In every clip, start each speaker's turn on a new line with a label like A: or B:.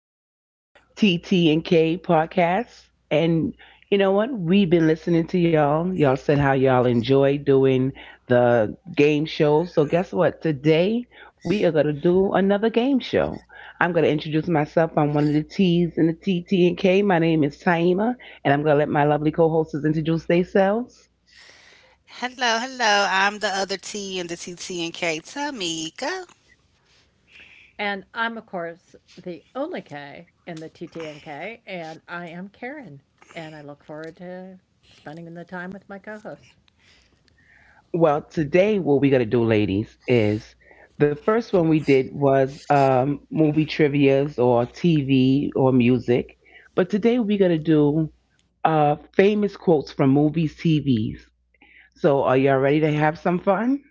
A: of TT and K podcast. And you know what? We've been listening to y'all. Y'all said how y'all enjoy doing the game shows. So guess what? Today we are gonna do another game show. I'm gonna introduce myself. I'm one of the T's in the TT and K. My name is Taima, and I'm gonna let my lovely co-hosts introduce themselves.
B: Hello, hello. I'm the other T and the TT and K. Tamika.
C: And I'm, of course, the only K in the TTNK, and I am Karen. And I look forward to spending the time with my co hosts.
A: Well, today what we're gonna do, ladies, is the first one we did was movie trivia's or TV or music, but today we're gonna do famous quotes from movies, TVs. So, are y'all ready to have some fun?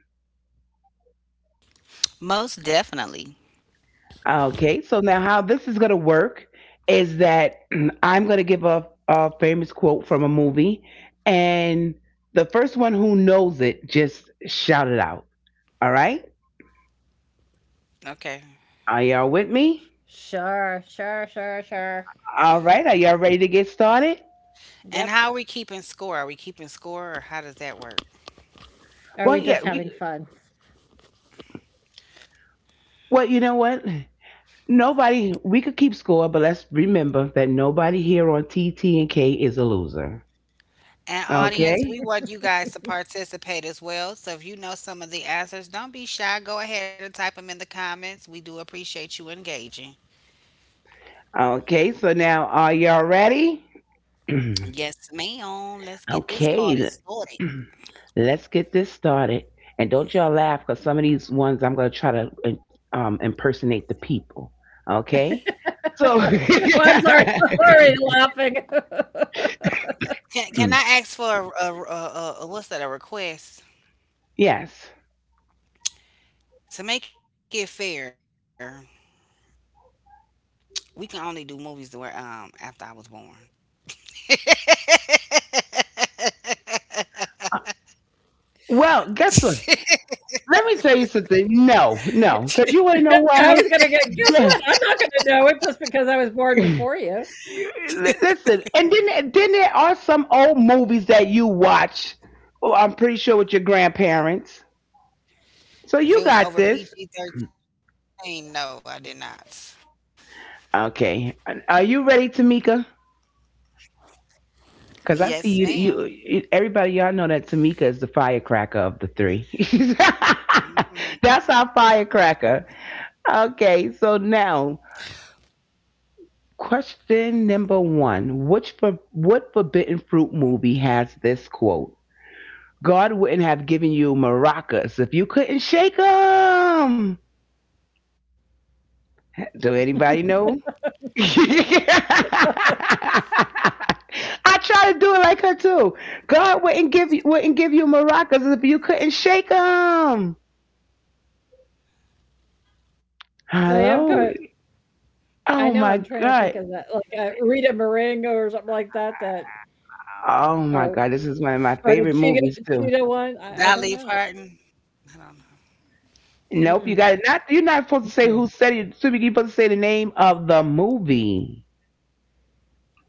B: Most definitely.
A: Okay. So now, how this is gonna work is that I'm gonna give a famous quote from a movie, and the first one who knows it just shout it out. All right? Are y'all
B: Okay.
A: with me?
C: Sure, sure, sure, sure.
A: All right, are y'all ready to get started?
C: Yep.
B: And how are we keeping score? Are we keeping score or how does that work?
A: Well,
C: Are we
A: yeah.
C: just having fun?
A: Well, you know what? Nobody. We could keep score, but let's remember that nobody here on TT and K is a loser. Okay.
B: And audience, we want you guys to participate as well. So if you know some of the answers, don't be shy. Go ahead and type them in the comments. We do appreciate you engaging.
A: Okay. So now, are y'all ready?
B: Yes, ma'am.
A: Okay.
B: Let's get this party started.
A: Let's get this started. And don't y'all laugh, cause some of these ones I'm gonna try to impersonate the people. Okay. So.
C: Well, I'm sorry. I'm already laughing.
B: Can I ask for a what's that? A request
A: Yes.
B: to make it fair? We can only do movies that were after I was born.
A: Well, guess what?
B: If
A: Let me tell you something. No, no, because you want to know
C: I
A: why?
C: was going to get, guess
A: Yeah.
C: what? I'm not going to know it just because I was born
A: You-
C: before you.
A: Listen, and then there are some old movies that you watch. Oh, I'm pretty sure with your grandparents. So you got
B: it was
A: this.
B: over PG 13, no, I did not.
A: Okay, are you ready, Tamika?
B: Yes,
A: Because I see
B: madam.
A: you. Everybody, y'all know that Tamika is the firecracker of the three.
B: Mm-hmm.
A: That's our firecracker. Okay, so now, question number one. What Forbidden Fruit movie has this quote? God wouldn't have given you maracas if you couldn't shake them. Do anybody know? I try to do it like her too. God wouldn't give you maracas if you couldn't shake them.
C: I am kind
A: Hello.
C: I know I'm
A: Oh
C: trying to
A: my
C: think of that,
A: God.
C: like Rita Marengo or something like that,
A: Oh
C: or,
A: my God. This is one of my
C: or the
A: favorite movies too.
C: cheetah one. I
B: Dolly
C: don't know.
B: Parton. I don't know.
A: Nope, you got
C: Mm-mm.
A: it. Not You're not
C: Oh,
A: supposed to say who said it. Excuse You're supposed to say the name of the movie.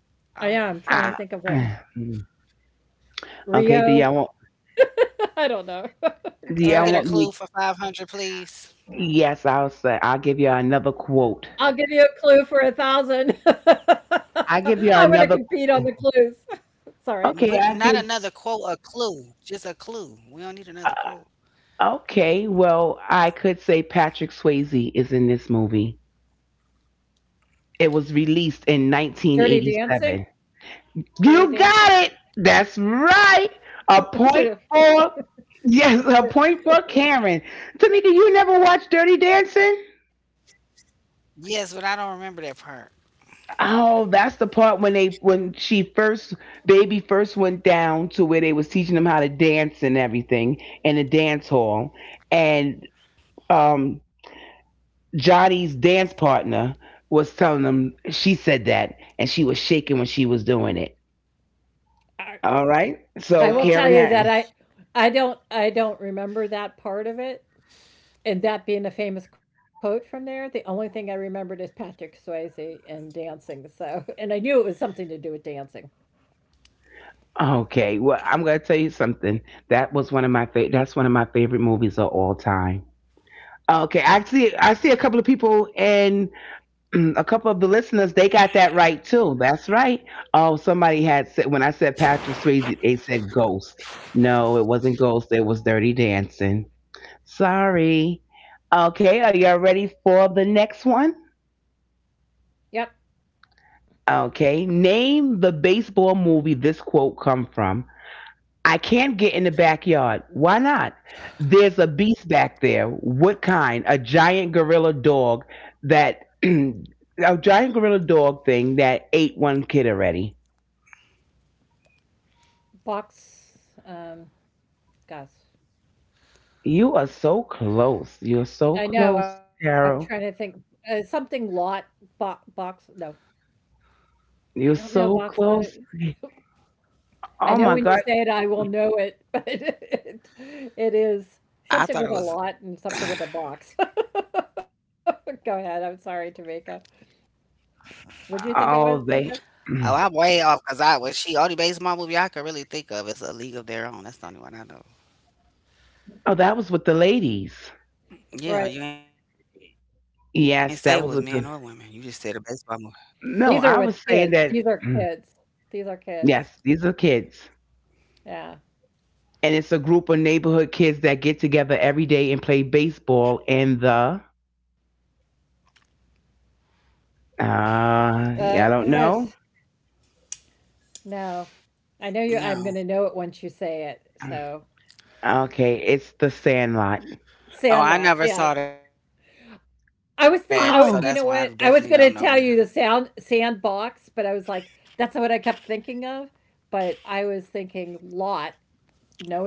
B: Oh,
C: I am trying to
A: Ah,
C: think of what.
A: okay,
C: Rio? I don't know. Go
A: do y'all want
B: can
C: ahead.
B: we
A: me,
B: get a clue for 500, please?
A: yes, I'll give y'all another
C: I'll give
A: quote.
C: you a clue for 1,000.
A: I
C: I'm
A: give
C: gonna
A: y'all another
C: compete on the clues. Sorry.
B: We,
A: Okay,
B: not
A: I
B: another
A: give
B: quote, a clue. Just a clue. We don't need another quote.
A: uh, okay, well I could say Patrick Swayze is in this movie. It was released in
C: Dirty
A: nineteen
C: Dancing?
A: eighty seven.
C: Dirty
A: You
C: Dancing?
A: got it. That's right. A point
C: So,
A: for Yes, a point for Karen. Tanika, you never watched Dirty Dancing?
B: Yes, but I don't remember that part.
A: Oh, that's the part when they when she first baby first went down to where they was teaching them how to dance and everything in a dance hall, and um Johnny's dance partner was telling them. She said that, and she was shaking when she was doing it.
C: I
A: All right,
C: I
A: so
C: will tell
A: Karen
C: you that
A: had
C: I
B: Oh, okay.
C: I don't I don't remember that part of it, and that being a famous quote from there, the only thing I remembered is Patrick Swayze and dancing, so and I knew it was something to do with dancing.
A: Okay, well, I'm gonna tell you something. That was one of my favorite. That's one of my favorite movies of all time. Okay, I see. I see a couple of people, and a couple of the listeners, they got that right too. That's right. Oh, somebody had said, when I said Patrick Swayze, they said Ghost. No, it wasn't Ghost. It was Dirty Dancing. Sorry. Okay, are y'all ready for the next one?
C: Yep.
A: Okay, name the baseball movie this quote come from. I can not get in the backyard. Why not? There's a beast back there. What kind? A giant gorilla dog that A giant gorilla dog thing that ate one kid already.
C: Box, um gosh,
A: You are so close. You're so
C: I know, I'm
A: close,
C: trying to think,
A: Carol.
C: something lot, bo box, no, I don't
A: You're
C: know,
A: so
C: box lot.
A: close.
C: I
A: Oh
C: know
A: my
C: when you
A: God.
C: say it, I will know it, but it is something with a lot
B: I
C: and
B: thought it
C: something
B: was.
C: with a box. Go ahead, I'm sorry, Tamika. Would you think it was,
A: Oh
C: Tamika?
A: they
B: Oh, I'm way off because I was. She, all the baseball movie I could really think of is A League of Their Own. That's the only one I know.
A: Oh, that was with the ladies.
C: Right,
B: Yeah, you ain't say it was men or
A: Yes,
B: women.
A: that
B: You
A: was with
B: just said
A: the
B: a baseball.
C: these are
A: No,
C: with
A: I was
C: kids,
A: saying
C: these are
A: that
C: kids, these are kids,
A: yes, these are kids,
C: yeah.
A: and it's a group of neighborhood kids that get together every day and play baseball in the, uh yeah, I don't
C: Gosh,
A: know.
C: no, I know you. I'm gonna know it
B: No.
C: once you say it, so
A: Okay, it's the Sandlot.
C: Sandlot,
B: Oh, I
C: yeah.
B: never saw that, so that's
C: I
B: why I
C: was
B: definitely
A: Oh,
C: you
B: don't
C: know
B: know it.
C: what? I was gonna tell you the sound sandbox, but I was like, that's what I kept thinking of, but I was thinking lot,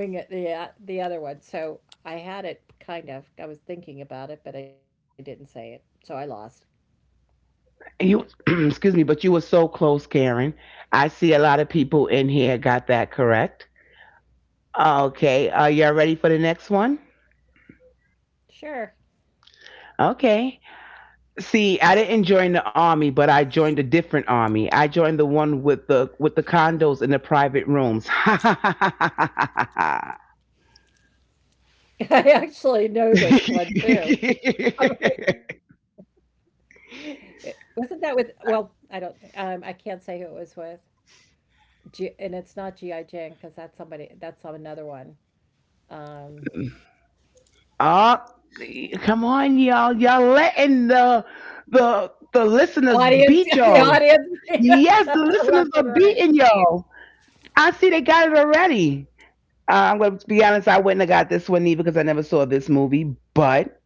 C: knowing it the other one. So I had it kind of. I was thinking about it, but I didn't say it, so I lost.
A: you Excuse me, but you were so close, Karen. I see a lot of people in here got that correct. Okay, are y'all ready for the next one?
C: Sure.
A: Okay. See, I didn't join the army, but I joined a different army. I joined the one with the condos in the private rooms.
C: I actually know this one too. I'm like, wasn't that with, well, I don't, I can't say who it was with. G, and it's not G.I. Jane because that's somebody, that's another one. Um,
A: Oh, come on, y'all. Y'all letting the listeners
C: audience. The
A: beat y'all.
C: audience made us
A: Yes, the
C: left and
A: listeners are
C: right.
A: beating y'all. I see they got it already. I'm going to be honest. I wouldn't have got this one either because I never saw this movie. But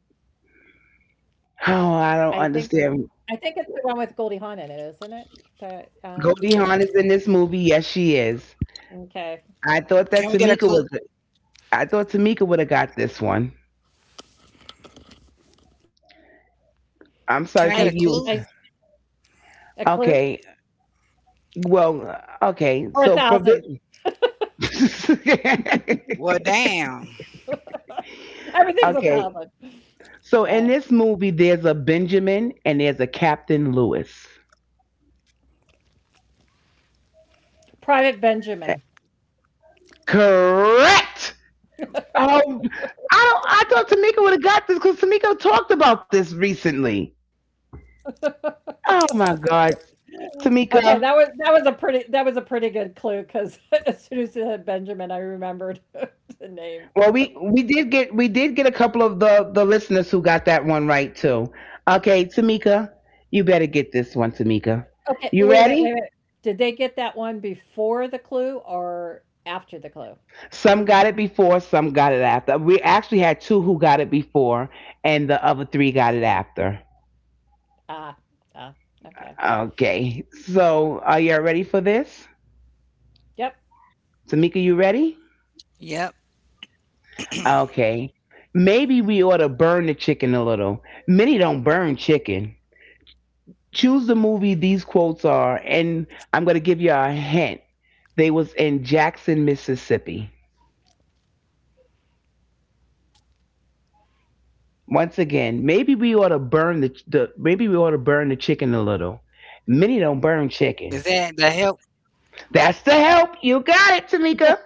C: I
A: oh,
C: think
A: I don't
C: it's
A: understand.
C: the one with Goldie Hawn in it, isn't it? That,
A: Goldie Hawn is in this movie. Yes, she is.
C: okay.
A: I thought that Tamika
B: Can we
A: was.
B: get a clue?
A: I thought Tamika would have got this one.
C: I,
A: I'm
C: I
A: sorry,
C: a
A: Tamika.
B: Can I
A: You
B: get a
A: was
B: clue?
C: clue?
A: Okay. Well, okay.
C: Or a
A: So for this,
C: 1,000.
B: Well, damn.
C: Everything's
A: okay.
C: 1,000. Go
A: So in
C: ahead.
A: this movie, there's a Benjamin and there's a Captain Lewis.
C: Private Benjamin.
A: Correct. I don't. I thought Tamika would have got this because Tamika talked about this recently. Oh my God,
C: Okay, that
A: Tamika.
C: was a pretty that was a pretty good clue, because as soon as it had Benjamin, I remembered the name.
A: Well, we did get a couple of the listeners who got that one right too. Okay, Tamika, you better get this one, Tamika.
C: Okay, wait
A: You
C: a minute, wait a
A: ready?
C: minute. Did they get that one before the clue or after the clue?
A: Some got it before, some got it after. We actually had two who got it before, and the other three got it after.
C: Ah, ah, okay.
A: Okay, so are y'all ready for this?
C: Yep.
A: Tamika, you ready?
B: Yep.
A: Okay. Maybe we ought to burn the chicken a little. Many don't burn chicken. Choose the movie these quotes are, and I'm going to give you a hint. They was in Jackson, Mississippi. Once again, maybe we ought to burn the chicken a little. Many don't burn
B: Is that
A: chicken.
B: the help?
A: That's the help. You got it, Tamika.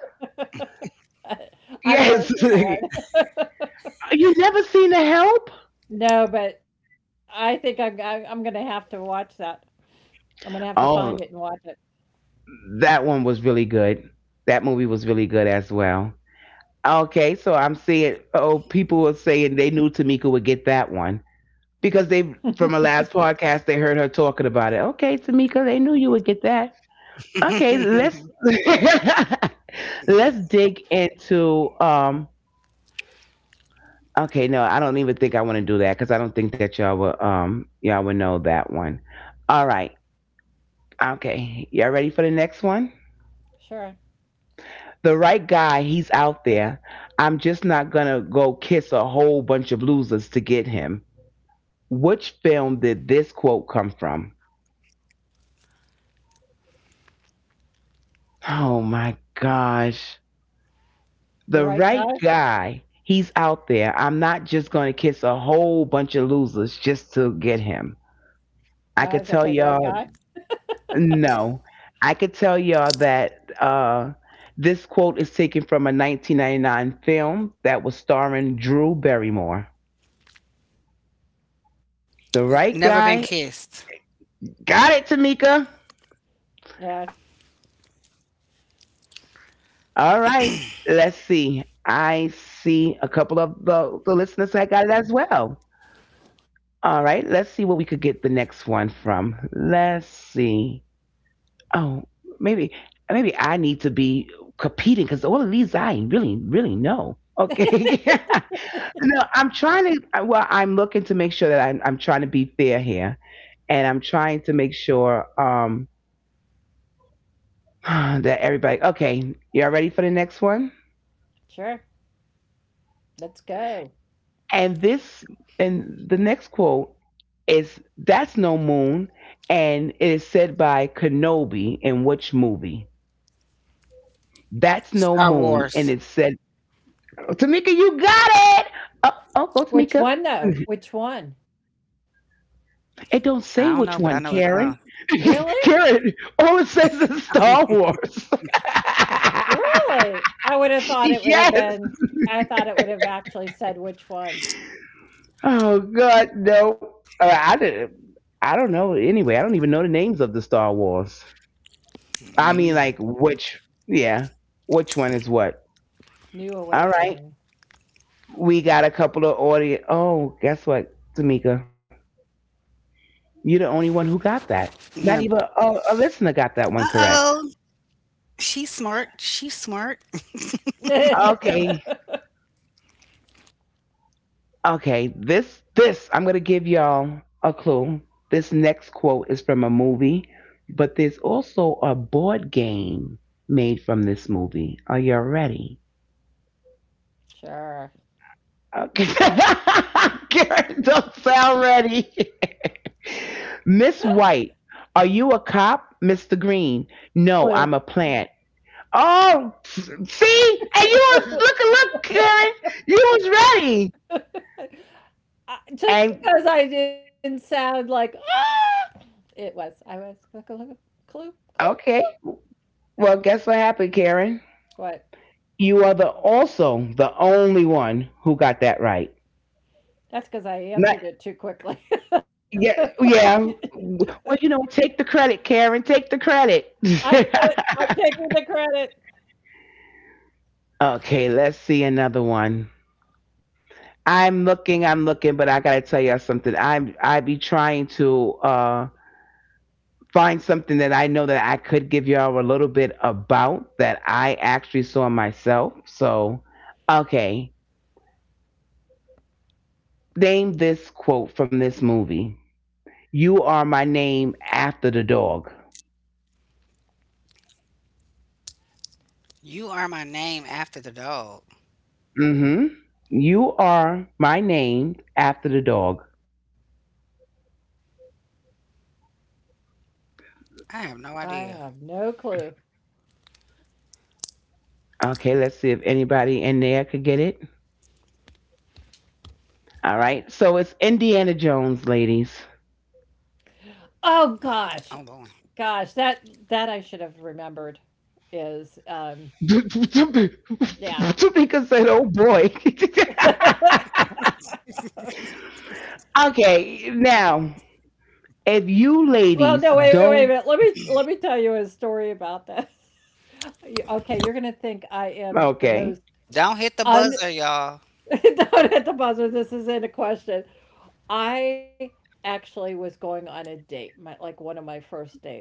C: I've never
A: Yes.
C: seen that one.
A: You never seen the help?
C: No, but I think I'm gonna have to watch that. I'm gonna have to find it and
A: Oh,
C: watch it.
A: that one was really good. That movie was really good as well. Okay, so I'm seeing, oh, people are saying they knew Tamika would get that one because they, from her last podcast, they heard her talking about it. Okay, Tamika, they knew you would get that. Okay, let's let's dig into Okay, no, I don't even think I want to do that because I don't think that y'all will know that one. All right. Okay. Y'all ready for the next one?
C: Sure.
A: The right guy, he's out there. I'm just not gonna go kiss a whole bunch of losers to get him. Which film did this quote come from? Oh my gosh.
C: The
A: The
C: right
A: right
C: guy?
A: guy, he's out there. I'm not just gonna kiss a whole bunch of losers just to get him.
C: Oh, I was gonna
A: I
C: say
A: could
C: the
A: tell
C: right guy.
A: y'all No, I could tell y'all that this quote is taken from a 1999 film that was starring Drew Barrymore.
B: Never
A: The
B: been
A: right
B: kissed.
A: guy got it, Tamika.
C: Yeah,
A: All right, let's see. I see a couple of the listeners that got it as well. All right, let's see where we could get the next one from. Let's see. Oh, maybe maybe I need to be competing because all of these I really really know. Okay, no, I'm trying to. Well, I'm looking to make sure that I'm trying to be fair here, and I'm trying to make sure that everybody. Okay, y'all ready for the next one?
C: sure. Let's go.
A: And this and the next quote is, that's no moon, and it is said by Kenobi in which movie? That's no moon,
B: Star
A: and it's
B: Wars.
A: said Tamika, you got it. Oh, oh, go
C: Which
A: Tamika.
C: one though? Which one?
B: I don't
A: It
B: know,
A: don't
B: but I
A: say
B: know it's
A: which one, Karen.
C: Really?
A: Karen, all it says is Star Wars.
C: Really? I would have thought it would have
A: Yes.
C: been, I thought it would have actually said which one.
A: Oh God, no. I didn't. I don't know. Anyway, I don't even know the names of the Star Wars. I mean,
B: me
A: like
B: neither.
A: which? Yeah, which one is what?
C: New
A: All right.
C: Awakening.
A: We got a couple of audio. Oh, guess what, Tamika? You're the only one who
B: One.
A: got that. Not even a
B: Uh
A: listener got that
B: oh.
A: one correct.
B: She's smart. She's smart.
A: Okay, okay. I'm gonna give y'all a clue. This next quote is from a movie, but there's also a board game made from this movie. Are you ready?
C: Sure.
A: Okay. Karen, don't sound ready. Miss White, are you a cop? Mr. Green, no,
C: Clue.
A: I'm a plant. Oh, see, and you was look, Karen. You was ready.
C: Just
A: And
C: because I didn't sound like, ah, it was. I was, clue, clue, clue.
A: Okay, well, guess what happened, Karen?
C: What?
A: You are the also the only one who got that right.
C: That's because I answered
A: Not.
C: it too quickly.
A: Yeah,
C: I
A: yeah. Well, take the credit, Karen. Take the credit.
C: got it. I'm taking the credit.
A: Okay, let's see another one. I'm looking, but I gotta tell y'all something. I be trying to find something that I know that I could give y'all a little bit about that I actually saw myself. So, okay, name this quote from this movie. You are my name after the dog.
B: You are my name after the dog.
A: Mhm. You are my name after the dog.
B: I have no
C: I have
B: idea.
C: no clue.
A: Okay, let's see if anybody in there could get it. All right. So it's Indiana Jones, ladies.
B: Oh
C: Oh
B: boy.
C: gosh, gosh, that I should have remembered is,
A: Tamika
C: yeah.
A: said, "Oh boy." okay, now If you
C: Well, no,
A: ladies
C: wait, wait, wait a
A: don't,
C: minute. Let me tell you a story about that. You- Okay, you're gonna think
A: okay.
C: I am the most
B: Don't
C: un.
B: hit the buzzer, y'all.
C: Don't hit the buzzer. This isn't a question. I actually was going on a date, my like one of my first dates,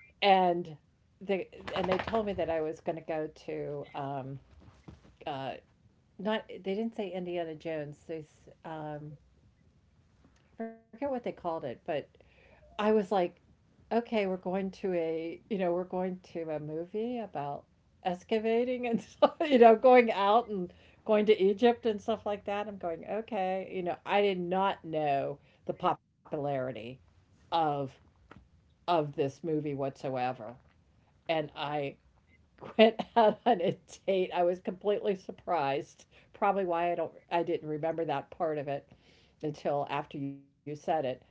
C: and they and they told me that I was going to go to uh not, they didn't say Indiana Jones. I forget what they called it, but I was like, okay, we're going to a, you know, we're going to a movie about excavating and stuff, you know, going out and going to Egypt and stuff like that. I'm going, okay, you know, I did not know the popularity of of this movie whatsoever. And I went out on a date. I was completely surprised. Probably why I didn't remember that part of it until after you said it,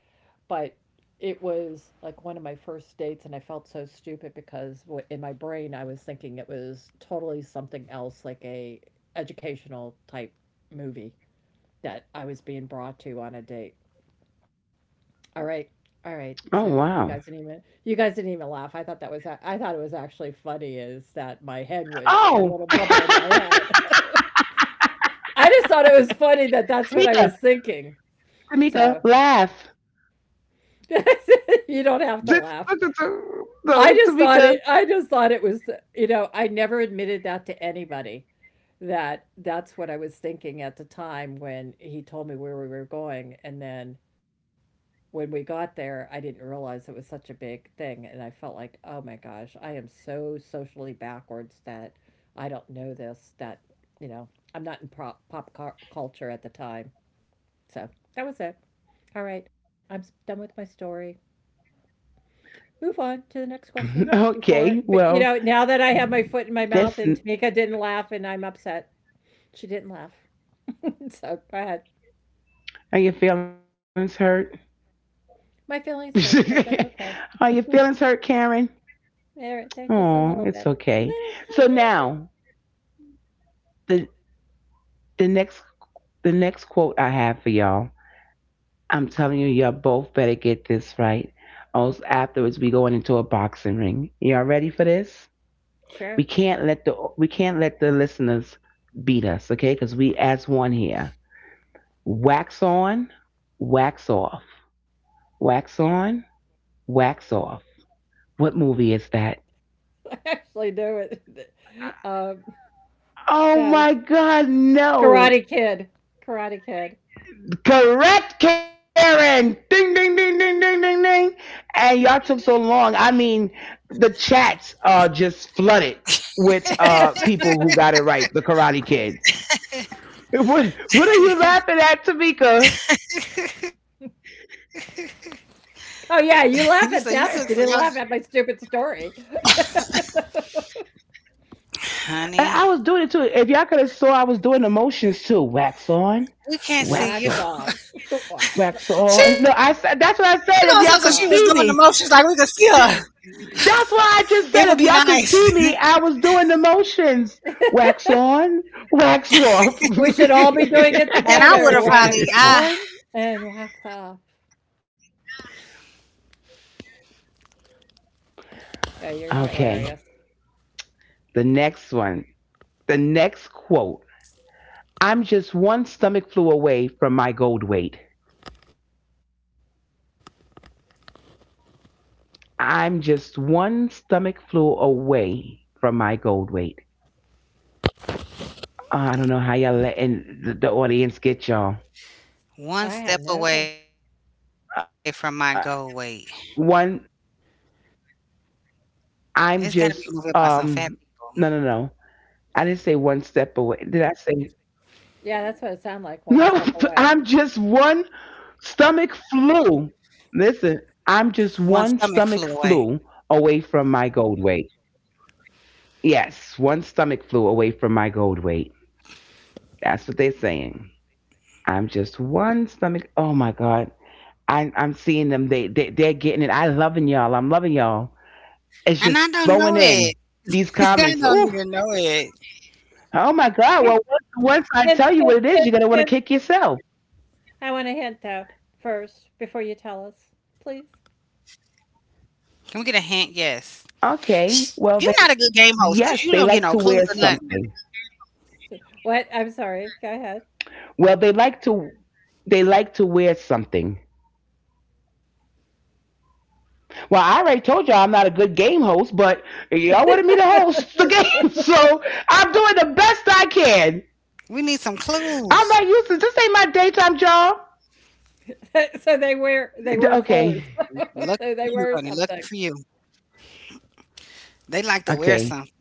C: but it was like one of my first dates, and I felt so stupid because in my brain I was thinking it was totally something else, like a educational type movie that I was being brought to on a date. All right, all right, so you
A: Oh
C: guys didn't even,
A: wow.
C: you guys didn't even laugh. I thought that was I thought it was actually funny is that my head was my little
A: Oh,
C: bubble in my head.
A: Tamika,
C: I just thought it was funny that that's what I was thinking, so.
A: Tamika, laugh.
C: You don't have to laugh.
A: This- No,
C: I just thought
A: Tamika.
C: it was, you know, I never admitted that to anybody, that that's what I was thinking at the time when he told me where we were going. And then when we got there, I didn't realize it was such a big thing, and I felt like, "Oh my gosh, I am so socially backwards that I don't know this that, you know, I'm not in pop culture at the time." So, that was it. All right, I'm done with my story. Move on to the next question
A: Okay,
C: before, but, you
A: well,
C: know, now that I have my foot in my
A: that's.
C: mouth and Tamika didn't laugh and I'm upset. She didn't laugh. So go ahead.
A: Are your feelings hurt?
C: My feelings hurt, but that's okay.
A: Are your feelings hurt, Karen?
C: They're
A: Oh,
C: just a
A: it's
C: little bit.
A: okay.
C: Little,
A: So
C: a
A: now
C: little bit.
A: the the next the next quote I have for y'all. I'm telling you, y'all both better get this right. Else afterwards we going into a boxing ring. Y'all ready for this?
C: Sure.
A: We can't let the listeners beat us, okay? Because we as one here. Wax on, wax off. Wax on, wax off. What movie is that?
C: I actually do it. Um,
A: Oh
C: gosh.
A: my God, no!
C: Karate Kid. Karate Kid.
A: Correct, Karen. Ding, ding, ding, ding, ding, ding, ding. And y'all took so long. I mean, the chats are just flooded with people who got it right. The Karate Kid. What are you laughing at, Tamika?
B: You
C: Oh
B: say you
C: yeah, you
B: took some,
C: laugh
B: y'all.
C: at that, but you didn't laugh at my stupid story.
A: And I
B: Honey,
A: was doing it too. If y'all could have saw, I was doing the motions too. Wax on,
B: we can't
A: wax
B: see
C: Wax
B: you.
A: off,
C: off.
A: wax
C: Wax
A: on. No,
B: She
C: on.
A: I
B: gonna sound
A: said
B: like
A: that's
B: she
A: what
B: was
A: I
C: Wax
B: doing the
A: said. If
C: off.
A: y'all
B: motions
A: could
B: like we could
A: see
B: see
A: me,
B: her. It
A: That's
B: would be
A: why I just said if
B: nice.
A: y'all could see me, I was doing the motions. Wax on, wax off.
C: We should all be doing it
B: And
C: together.
B: I would have
C: Wax
B: probably
C: on
B: I
C: and wax off. No,
A: okay,
C: you're hilarious.
A: the next one. The next quote. I'm just one stomach flu away from my gold weight. I'm just one stomach flu away from my gold weight. I don't know how y'all letting the audience get y'all.
C: I have
B: one
C: no
B: step
C: clue.
B: away from my goal weight.
A: Uh, one, I'm
B: It's gotta be
A: just
B: a movie about some
A: um
B: fat
A: no
B: people.
A: no no. I didn't say one step away. Did I say
C: Yeah, that's what it sounded like, one
A: no?
C: step away.
A: I'm just one stomach flu. Listen,
B: One
A: I'm
B: stomach
A: just
B: flew
A: one
B: away.
A: stomach flu away from my gold weight. Yes, one stomach flu away from my gold weight. That's what they're saying. I'm just one stomach. Oh my God. I'm seeing them. They're getting it. I loving y'all. I'm loving y'all. It's
B: And I
A: just
B: don't know
A: flowing
B: it.
A: in these
B: I
A: comments.
B: don't
A: Oh,
B: even know it.
A: oh my
C: Hint,
A: God. Well, once
C: hint,
A: I
C: hint,
A: tell you what it
C: hint,
A: is, you're going to
C: hint.
A: want to kick yourself.
C: I want a hint, though, first, before you tell us, please.
B: Can we get a hint? Yes.
A: Okay.
B: You're
A: Well,
B: not a
A: they
B: good game host because you
A: Yes, they
B: don't get
A: like
B: no
A: to
B: clues
A: wear
B: or nothing.
A: something.
C: What? I'm sorry. Go ahead.
A: Well, they like to they like to wear something. Well, I already told y'all I'm not a good game host, but y'all wanted me to host the game, so I'm doing the best I can.
B: We need some
A: I'm not used
B: clues.
A: to this. Ain't my daytime job.
C: So they wear, they wear
B: Lucky
A: Okay.
C: clothes.
B: for you, honey.
C: So
B: Lucky
C: they
B: for
C: wear
B: you.
C: something.
B: They like to wear something.
A: Okay.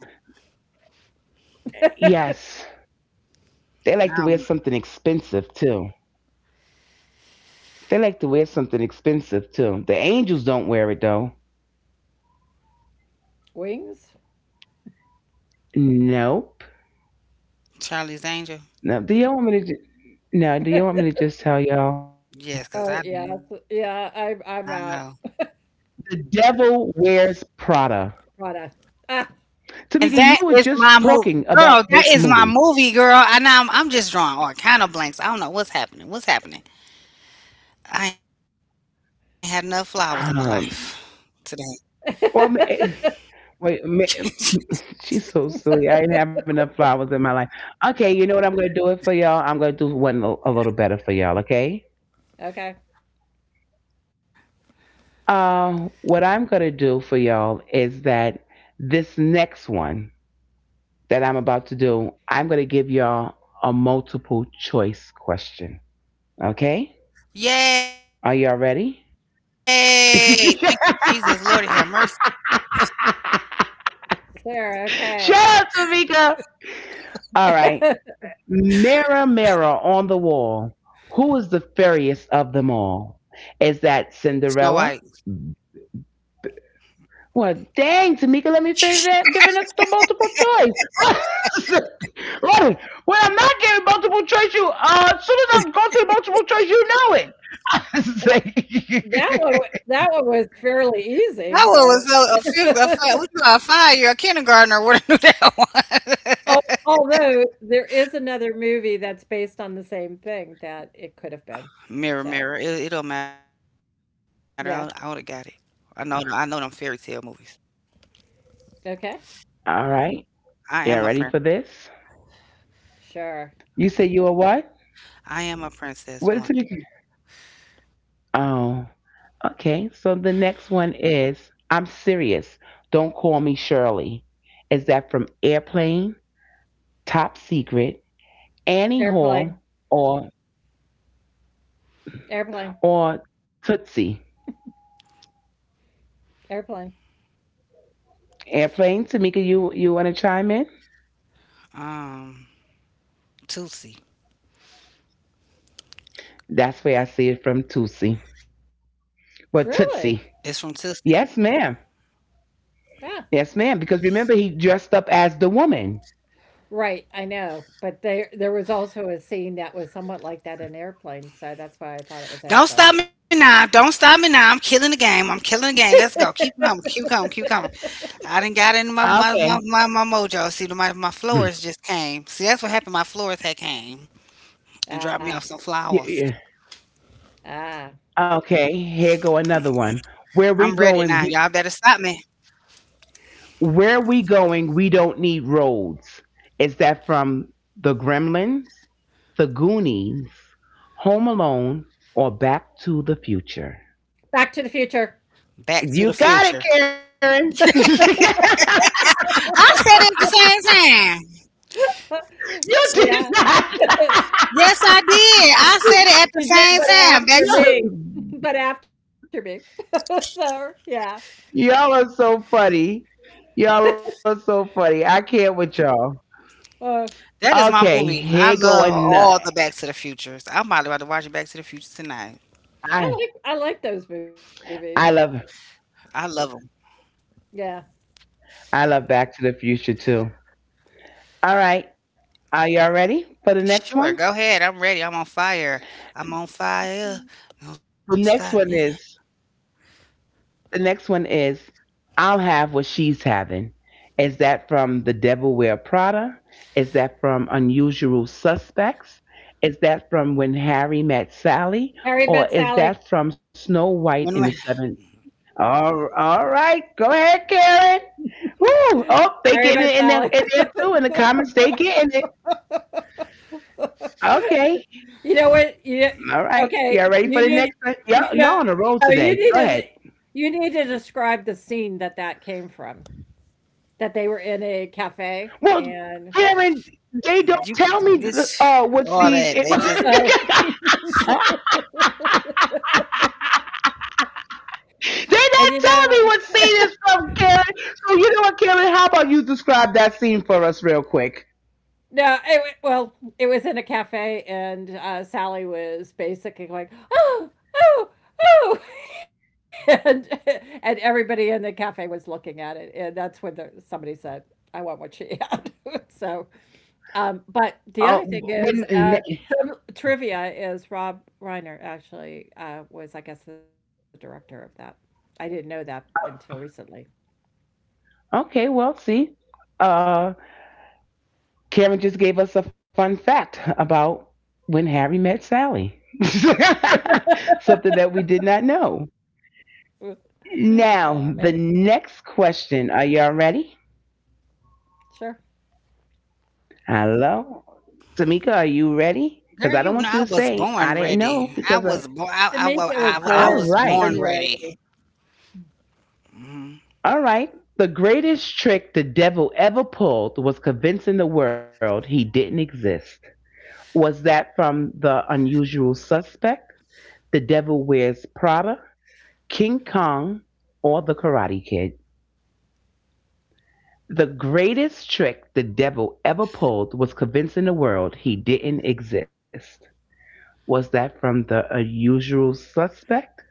A: Yes. They like to
B: I
A: wear
B: don't know.
A: something expensive too. They like to wear something expensive too. The angels don't wear it though.
C: Wings?
A: No.
B: Charlie's Angel.
A: Now, do y'all want me to? ju- Now, do y'all want me to just tell y'all?
C: Oh,
B: Yes, because
C: yeah.
B: I do not know.
C: Yeah, I'm out.
A: The devil wears Prada.
C: Prada. Ah,
A: Tamika, you
B: And
A: were
C: ah.
B: that
A: just
B: is my
A: talking
B: movie,
A: about this
B: girl. That
A: movie.
B: is my movie, girl. And I'm just drawing all kind of blanks. I don't know what's happening. What's happening? I ain't had enough flowers in my life today.
A: Um, well, ma- eh, wait, ma- she's so silly. I didn't have enough flowers in my life. Okay, you know what? I'm gonna do it for y'all. I'm gonna do one a little better for y'all. Okay.
C: Okay.
A: What I'm gonna do for y'all is that this next one that I'm about to do, I'm gonna give y'all a multiple choice question. Okay. Are y'all
B: Yay!
A: ready?
B: Thank you, Jesus. Lord, have mercy.
A: Shut
C: Sarah. Okay.
A: up, Tamika. All right. Mirror, mirror on the wall, who is the fairest of them all?
B: Snow
A: Is
B: White.
A: that Cinderella? Well, dang, Tamika, let me finish that. Giving us the multiple choice. Lord, When I'm not giving multiple choice, you as soon as I'm going to the multiple choice, you know
C: Well, that one wa
A: it.
C: that one was fairly
B: That
C: easy,
B: one
C: though.
B: was so a fifth, a five, what you a five year, a kindergartner would have knew that
C: Al
B: one.
C: Although there is another movie that's based on the same thing that it could have been.
B: Mirror,
C: So,
B: mirror, it don't matter. I would have got it.
C: yeah.
B: I know them fairy tale movies.
C: Okay.
A: All right.
B: I
A: Y'all
B: am
A: ready
B: a
A: for
B: prince.
A: this?
C: Sure.
A: You say you are what?
B: I am a
A: What did
B: princess
A: you get?
B: once.
A: Oh, okay. So the next one is I'm serious. Don't call me Shirley. Is that from Airplane, Top Secret, Annie Hall,
C: Airplane.
A: or
C: Airplane.
A: or Tootsie?
C: Airplane.
A: Airplane, Tamika, you want to chime in?
B: Um, Tootsie.
A: That's where I see it from Tootsie. Well,
C: Really?
B: It's from
A: Tootsie.
B: Tootsie.
A: Yes, ma'am.
C: Yeah.
A: Yes, ma'am. Because remember, he dressed up as the woman.
C: Right, I know. But there was also a scene that was somewhat like that in Airplane, so that's why I thought it was Airplane.
B: Don't stop me now. Don't stop me now. I'm killing the game. I'm killing the game. Let's go. Keep coming. Keep coming. Keep coming. I didn't got in my my, my
A: Okay.
B: my my mojo. See, my flowers just came. See, that's what happened. My flowers had came
C: Ah.
B: and dropped me off some
A: Yeah, yeah.
B: flowers.
C: Ah.
A: Okay, here go another
B: I'm
A: one.
B: ready now.
A: Where
B: Y'all
A: we
B: better stop me.
A: going? Where we going, we don't need roads. Is that from The Gremlins, The Goonies, Home Alone, or Back to the Future?
C: Back to the Future.
B: Back to the future.
A: You got it, Karen.
B: I said it at the same time.
A: you did
C: Yeah.
A: not.
B: Yes, I did.
C: She
B: I said it at the
C: she did,
B: same
C: but
B: time. Back.
C: after
A: Yo,
C: me. But after me. So, yeah.
A: y'all are so funny. Y'all are so funny. I can't with y'all.
C: Uh,
B: That is my
A: Okay,
B: movie. I
A: here go
B: love
A: another.
B: all the Back to the Futures. I'm probably about to watch Back to the Future tonight.
C: I
A: I
C: like those movies.
B: I
A: I
B: love them.
A: love
C: Yeah.
A: I love Back to the Future too. All right, are y'all ready for the next one?
B: Sure, go ahead. I'm ready. I'm on fire. I'm on fire. Don't
A: The
B: stop me
A: next
B: now.
A: one is the next one is I'll have what she's having. Is that from The Devil Wear Prada? Is that from Unusual Suspects? Is that from When Harry Met Sally?
C: Harry
A: Or
C: Met
A: is
C: Sally.
B: When,
A: that
B: when
A: from Snow White in the Seven? All right, go ahead, Karen. Woo! Oh, they
C: Harry
A: getting it
C: Met
A: in there,
C: Sally.
A: too. In the comments, they getting it. Okay,
C: You know what? You
A: all right. Y'all
C: Okay,
A: ready for the
C: you
A: next one?
C: need,
A: Y'all on the
C: you no,
A: roll
C: you
A: today.
C: need
A: Go
C: to,
A: ahead.
C: you need to describe the scene that came from, that they were in a cafe
A: Well,
C: and,
A: Karen, they don't
B: you can
A: tell
B: do
A: me
B: this,
A: what
B: all
A: seed.
B: that. They just,
C: uh,
A: They
C: and, you know.
A: not telling me what scene is from, Karen. So you know what, Karen? How about you describe that scene for us real quick?
C: No, well, it was in a cafe, and Sally was basically like, "Oh, oh, oh," and and everybody in the cafe was looking at it, and that's when somebody said, "I want what she had." So, but the
A: Uh,
C: other thing is,
A: when,
C: some trivia is Rob Reiner actually was, I guess, the director of that. I didn't know that until recently.
A: okay, well, see, uh, Karen just gave us a fun fact about when Harry met Sally. Something that we did not know.
C: Yeah, maybe.
A: Now, the next question. Are y'all ready?
C: Sure.
A: Hello, Tamika, are you ready?
B: girl,
A: Because I don't want
B: I
A: you to
B: was
A: say
B: born
A: I didn't
B: ready.
A: know.
B: I was born.
C: Tamika was
B: I
A: All
C: born
B: was born
C: ready.
A: right,
B: ready. Hmm.
A: all right. The greatest trick the devil ever pulled was convincing the world he didn't exist. Was that from the unusual suspect, the devil wears Prada, King Kong, or the Karate Kid? The greatest trick the devil ever pulled was convincing the world he didn't exist. Was that from the unusual suspect?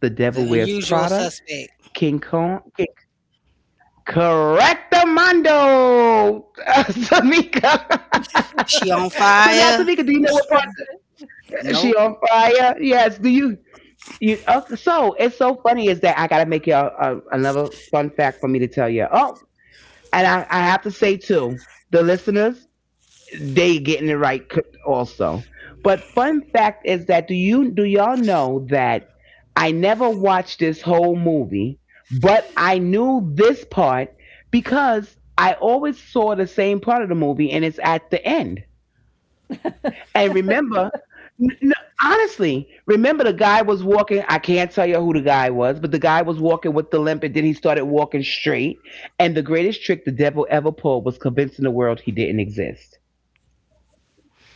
A: The
B: The
A: Devil Wears
B: unusual
A: Prada,
B: suspect.
A: King Kong? Correctamundo, Tamika.
B: She on
A: so now,
B: fire?
A: Tamika, do you know what part she
B: Nope.
A: on fire? Yes. Do you? Okay, so it's so funny is that I gotta make y'all another fun fact for me to tell you. Oh, and I have to say too, the listeners, they getting it right also. But fun fact is that do y'all know that I never watched this whole movie, but I knew this part because I always saw the same part of the movie and it's at the end. And remember n- n- honestly, remember the guy was walking. I can't tell you who the guy was, but the guy was walking with the limp, and then he started walking straight. And the greatest trick the devil ever pulled was convincing the world he didn't exist.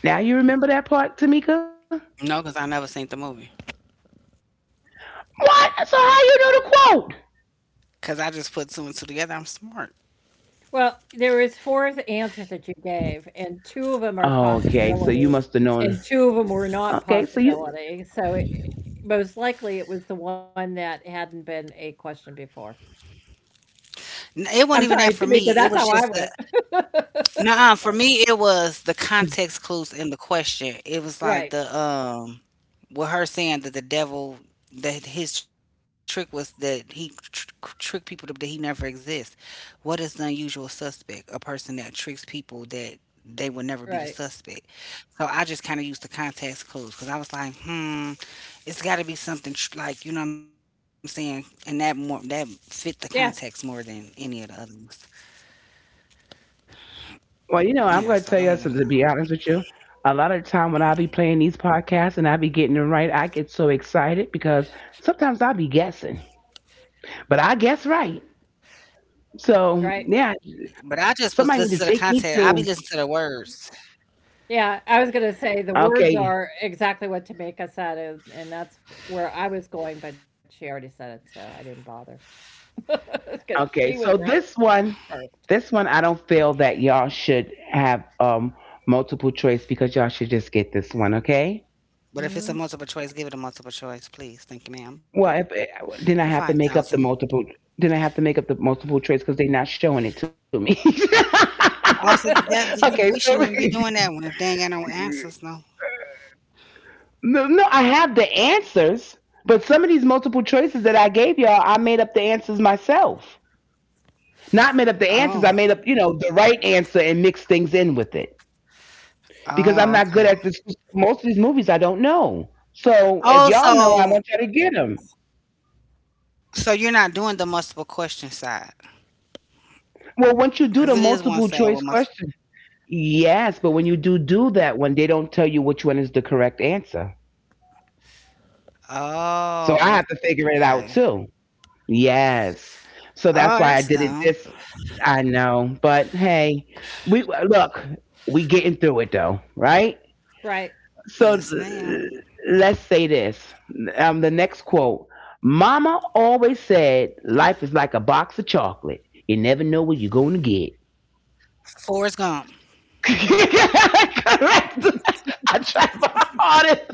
A: Now you remember that part, Tamika?
B: No, because I never seen the movie.
A: What? So how you know the quote?
B: Because I just put two and two together. I'm smart.
C: Well, there was 4 th
A: Okay,
C: answers
A: so
C: that you
A: you must have
C: gave,
A: known.
C: and 2 of them are
A: Okay, so
C: possibility,
A: you.
C: and 2 of them were not possibility, so I most likely it was the one that hadn't been a question before.
B: N It wasn't even that for
C: I'm
B: me,
C: sorry,
B: it was
C: Tamika,
B: just the
C: that's how I went.
B: nuh for me, it
C: So
B: was the context clues in the question. It was like
C: right,
B: with her saying that the devil, that his trick was that he tr tr tricked people to that he never exists. What is the unusual suspect? A person that tricks people that they would never be the suspect.
C: right.
B: So I just kinda used the context clues because I was like, "Hmm, it's gotta be something tr like," you know what I'm saying? And that more that fit the context more than
C: Yeah,
B: any of the others. Yeah, so go
A: Well,
B: ahead
A: you
B: and
A: know,
B: read.
A: I'm going to tell you something, to be honest with you. A lot of the time when I be playing these podcasts and I be getting them right, I get so excited because sometimes I be guessing, but I guess right.
B: But
C: right.
A: So,
B: I just
A: yeah,
B: was listening to the
A: somebody need to
B: content. I be
A: take me
B: listening to the
A: to.
B: words.
C: Yeah, I was gonna say the
A: Okay,
C: words are exactly what Tamika said, and that's where I was going, but she already said it, so I didn't bother. Bother because
A: okay.
C: she was
A: So
C: right first.
A: this one, I don't feel that y'all should have multiple choice because y'all should just get this one, okay?
B: But if it's a multiple
C: Mhm,
B: choice, give it a multiple choice, please. Thank you, ma'am, for
A: Well, if eh,
B: 5,000.
A: then I have to make up the multiple. Then I have to make up the multiple choice because they're not showing it to me.
B: Also, you, that, did you, we shouldn't
A: okay,
B: even be
A: so
B: doing that one if they ain't got no answers. No.
A: no, no, I have the answers, but some of these multiple choices that I gave y'all, I made up the answers myself. Not made up
B: Oh,
A: the answers. I made up, you know, the right answer and mixed things in with it, because
B: oh,
A: I'm not
B: okay.
A: good at this. Most of these movies I don't know. So if
B: Oh,
A: y'all know, I
B: so,
A: want y'all to get them.
B: so you're not doing the multiple question side. Because it is one
A: Well,
B: side
A: once you
B: with
A: do the
B: multiple.
A: multiple choice question, yes, but when you do do that one, they don't tell you which one is the correct answer.
B: Oh,
A: So
B: okay.
A: I have to figure it out too.
B: Oh, that's
A: Yes.
B: dumb.
A: So that's why I did it this. I know, but hey, we look. We getting through it though, right?
B: Yes,
C: right.
B: ma'am.
A: So let's say this. The next quote Mama always said, life is like a box of chocolate. You never know what you're going to get.
B: Forrest Gump.
A: Correct. I tried my hardest.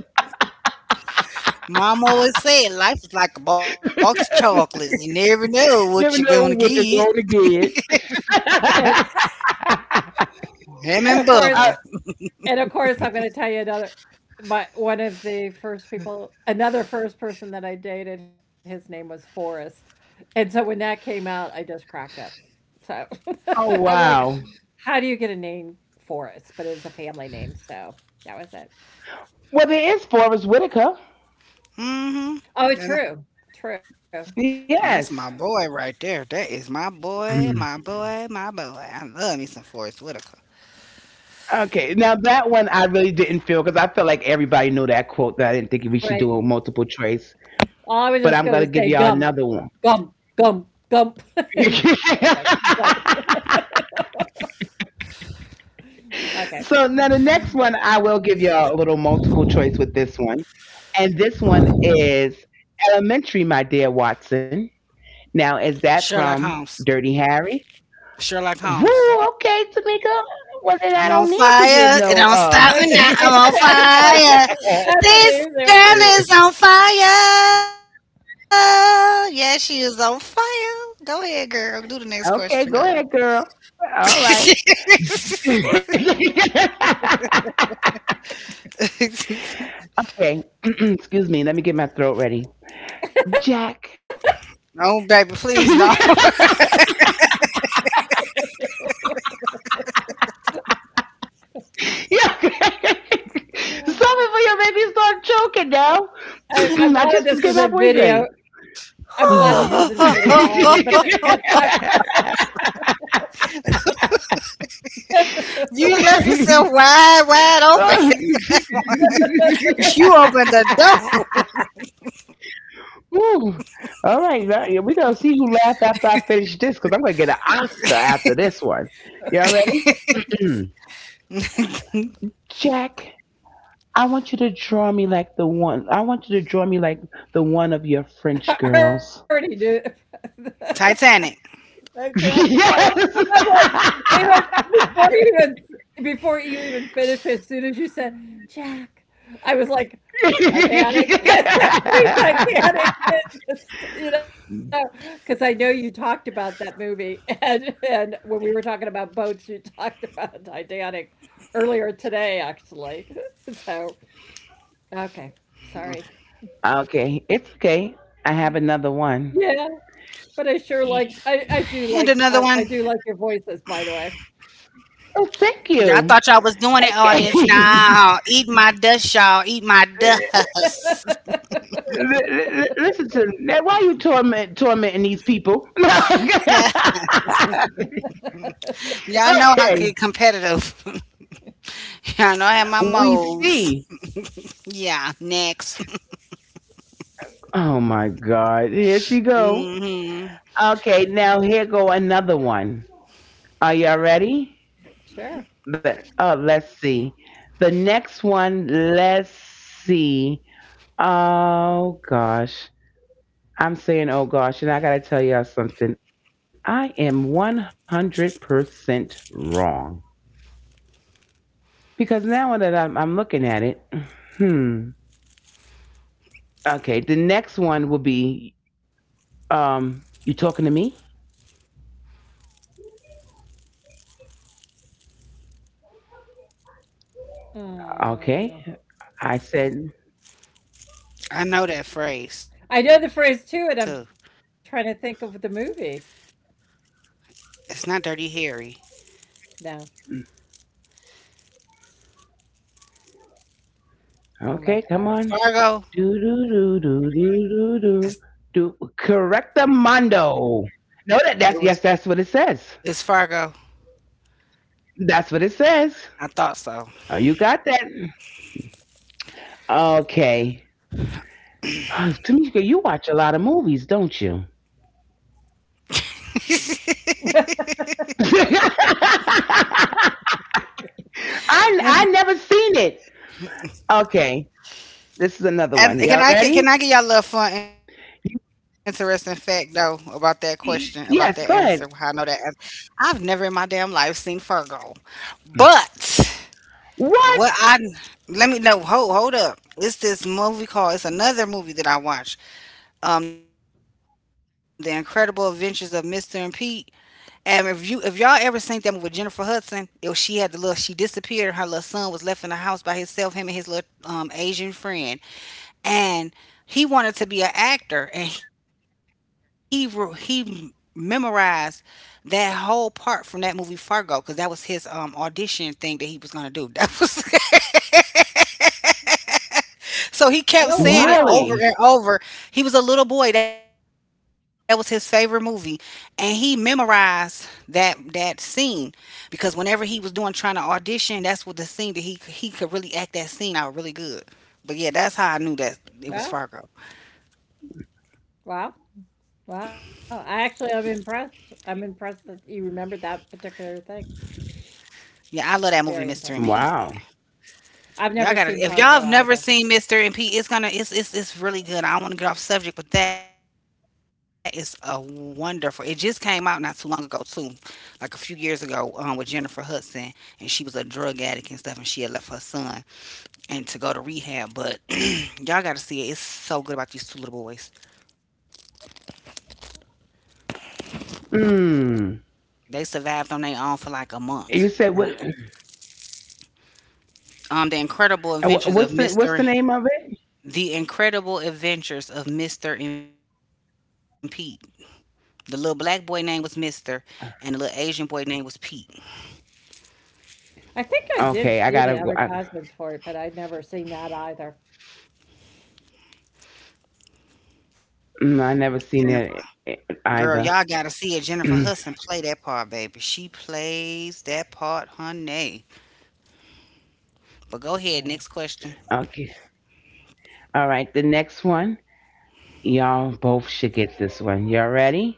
B: Mom always said life is like a box of chocolates. You never know what you're gonna get.
A: never know what you're going to get.
C: And
A: I,
B: Him and
C: and
B: Bubble.
C: of course and of course, I'm gonna tell you another, my one of the first people, another first person that I dated, his name was Forrest. And so when that came out, I just cracked up. So
A: oh,
C: I'm like,
A: wow.
C: "How do you get a name Forrest?" But it was a family name, so that was it.
A: Well, there is Forrest Whitaker.
B: Mm-hmm.
C: Oh,
B: And
C: true, true,
B: that's my
A: Yes.
B: boy right there. That is my boy, my boy, my boy. I love me some Forrest Whitaker.
A: Okay, now that one I really didn't feel because I felt like everybody knew that quote that I didn't think we should
C: right.
A: do a multiple choice, but
C: Well,
A: I'm
C: I was
A: gonna
C: just
A: give y'all
C: gonna say
A: another one.
C: Gump, Gump, Gump, Gump, and okay, but
A: so
C: okay.
A: now the next one I will give y'all a little multiple choice with this one, and this one is elementary, my dear Watson.
B: Sherlock
A: Now is
B: Holmes.
A: that from Dirty Harry?
B: Sherlock Holmes.
A: Woo, okay, Tamika. Well then
B: I'm
A: I
B: on
A: don't need to
B: fire.
A: give
B: It
A: no
B: don't stop
A: uh.
B: me now.
C: It's like
B: I'm on
C: it's like
B: fire.
C: that's an
B: This
C: easy one.
B: girl is on fire. Yeah, she is on fire. Go ahead, girl. Do the
A: okay,
B: next
A: go ahead,
B: question, girl.
A: girl. All right. okay. Excuse me. Let me get my throat ready. Jack.
B: No, baby, please, no.
A: yeah. Stop it for your baby start choking now.
C: I'm
A: I
C: glad
A: just was
C: this
A: getting my
C: isn't
A: voice
C: video.
A: ready.
C: I'm glad this isn't video
A: Mhm.
C: either, but the but I
A: Okay.
B: You left yourself wide, wide open. You opened the door.
A: Ooh. All right, now, we're gonna see who laughed after I finish this because I'm gonna get an Oscar after this one. Y'all ready? Jack, I want you to draw me like the one. I want you to draw me like the one of your French
C: I already
A: girls.
C: knew.
B: Titanic.
C: I did. I'm
A: Yes.
C: like, even before you even before you even finished, as soon as you said, "Jack," I was like Titanic. Free Titanic. It Just, because I know you talked about that movie, and when we were talking about boats, you talked about Titanic earlier today, actually. So, okay, sorry.
A: Okay, it's okay. I have another one.
C: Yeah, but
B: And
C: I
B: another
C: I
B: one.
C: do like I I do like your voices, by the way.
A: Oh, thank
B: Y'all
A: you.
B: thought y'all was doing it,
A: Okay.
B: audience. Nah, eat my dust, y'all. Eat my dust.
A: Listen to now. Why you tormenting these people?
B: Y'all know I
A: Okay.
B: could competitive. Y'all know I have my
A: We
B: modes.
A: see.
B: Yeah, next.
A: Oh my God. Here she go.
B: Hmm.
A: Okay, now here go another one. Are y'all ready?
C: Sure.
A: But oh, let's see. The next one, let's see. Oh gosh. I'm saying oh gosh, and I gotta tell y'all something. I am 100% wrong. Because now that I'm looking at it, hmm. Okay, the next one will be, you talking to me? Okay.
C: Uh,
A: I said,
B: I know that phrase too.
C: I know the phrase too, and I'm trying to think of the movie
B: It's not Dirty Harry.
C: now. Oh
A: okay,
C: my
A: come
C: gosh.
A: on.
B: Fargo.
A: Do do do do do do do.
B: It's not
A: Do.
B: Fargo.
A: Correct the mondo. No,
B: It
A: that
B: was
A: that's yes, that's what it says.
B: it's Fargo.
A: That's what it says.
B: I thought so.
A: Oh, you got that? Okay. Tamika, you watch a lot of movies, don't you? I I never seen it. Okay, this is another
B: And
A: one.
B: can
A: Y'all
B: I can I
A: ready?
B: give y'all a little fun, interesting fact though about that question, about that answer? How I
A: Y-
B: know that
A: Yes,
B: answer.
A: go ahead.
B: I've never in my damn life seen Fargo, but what I
A: What?
B: let me know. Hold up. It's this movie called. It's another movie that I watch. The Incredible Adventures of Mr. and Pete. And if y'all ever seen that movie with Jennifer Hudson, it was, she had the little, she disappeared. Her little son was left in the house by himself, him and his little Asian friend, and he wanted to be an actor, and he memorized that whole part from that movie Fargo because that was his audition thing that he was gonna do. That was So he kept
C: Oh
B: saying it
C: wow.
A: Really?
B: over and over. He was a little boy. That was his favorite movie. And he memorized that scene because whenever he was doing trying to audition, that's what the scene that he could really act that scene out really good. But yeah, that's how I knew that it
C: Wow.
B: was Fargo.
C: Wow. Wow. I'm impressed. I'm impressed that you remembered that particular thing.
B: Yeah, I love that movie,
C: Very
B: Mr. and
C: impressed.
B: Pete.
A: Wow.
C: I've never
B: Y'all
C: seen
B: gotta if y'all
C: Fargo
B: have
C: either.
B: never seen Mr. and P, it's gonna it's really good. I don't wanna get off subject, but that is a wonderful, it just came out not too long ago too, like a few years ago, with Jennifer Hudson, and she was a drug addict and stuff and she had left her son and to go to rehab. But y'all gotta see it. It's so good about these two little boys.
A: Mm.
B: They survived on their own for like
A: You
B: a
A: said what?
B: month.
A: And
B: And, the
A: wha-
B: incredible
A: What's the
B: adventures
A: What's the
B: of
A: name of
B: Mr.
A: it?
B: The incredible adventures of Mr. and Pete. The little black boy name was Mister, and the little Asian boy name was Pete.
C: I think I
A: Okay, I
C: did
A: gotta.
C: see
A: I,
C: the advertisements for it, but I'd never seen that either.
A: I never seen
B: Jennifer,
A: it either.
B: girl, y'all gotta see it. Jennifer Hudson play that part, baby. She plays that part, honey. But go ahead,
C: Oh,
B: next
A: Okay,
B: question.
A: all right. The next one, y'all both should get this one. Y'all ready?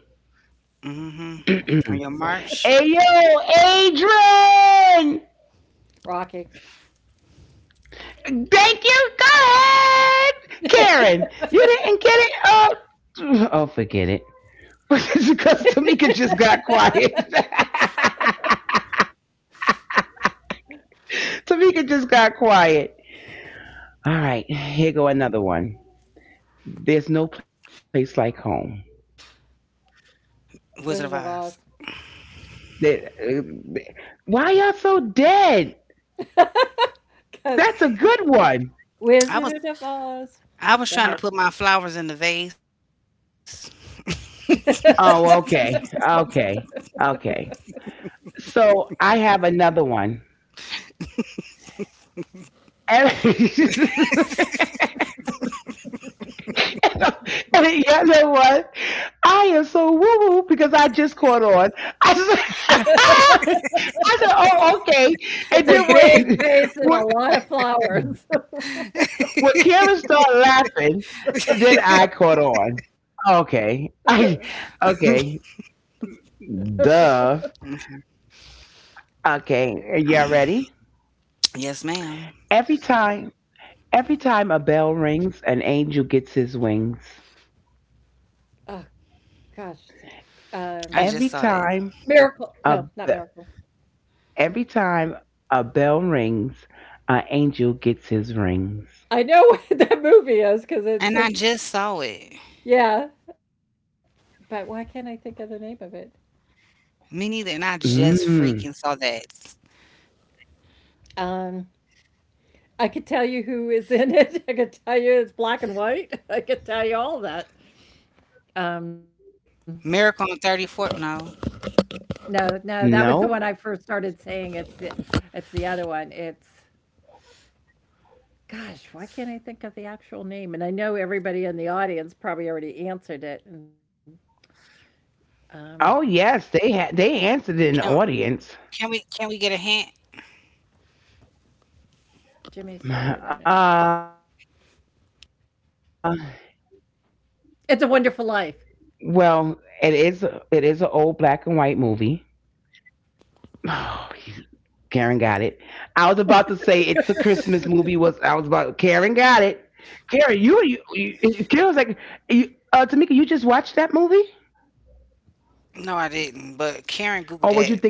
B: Hmm.
A: Hey
C: we'll
B: On your
C: see.
B: march.
A: yo, Adrian!
C: Rocky,
A: Thank you. Go ahead, Karen. You didn't get it. Oh, oh, forget it. Because Tamika just got quiet. Tamika just got quiet. All right, here go another one. There's no place like home.
B: Wizard of Oz.
C: Wizard of Oz.
A: That, why y'all so dead? That's a good
C: Because
A: one.
B: I was
C: Wizard of Oz.
B: I was
C: Go
B: trying to put my flowers in the vase.
C: ahead.
A: Oh, okay, okay, okay. So I have another one, and, and the other one. I am so woo woo because I just caught on. I said, I said, oh, okay. And then
C: It's a big
A: when,
C: vase and a lot of flowers.
A: when Karen started laughing, then I caught on. Okay. Okay. Duh.
B: Okay.
A: Okay, y'all ready?
B: Yes,
A: Every
B: ma'am.
A: time, every time a bell rings, an angel gets his wings.
C: Oh gosh.
B: I
C: Um,
B: just saw
A: Every
B: that,
A: time
C: Miracle.
A: a
C: No,
A: be-
C: not Miracle.
A: every time a bell rings, an angel gets his rings.
C: I know what that movie is because it's just
B: and I just saw
C: yeah,
B: it.
C: but why can't I think of the name of it?
B: Me neither, and I just
A: Mm,
B: freaking saw that.
C: Um, I could tell you who is in it. I could tell you it's black and white. I could tell you all that. Um,
B: Miracle on 34th. No,
C: no, no, that was the one
A: no.
C: I first started saying. It's the other one. It's gosh, why can't I think of the actual name? And I know everybody in the audience probably already answered it. And um,
A: Oh yes, they answered in
B: can,
A: the audience.
B: can we get a hint?
C: Jimmy Stewart, I know.
A: Uh, well, it
C: It's a
A: is
C: Wonderful
A: it
C: Life.
A: is a black and white movie. Oh, Karen got it. I was about to say it's a Christmas movie. Was I was about Karen got it. Karen, you Karen was like, you, Tamika, you just watched that movie,
B: No, I didn't.
A: or would you
B: But
A: think it's
B: Karen
A: something
B: Googled
A: else?
B: that.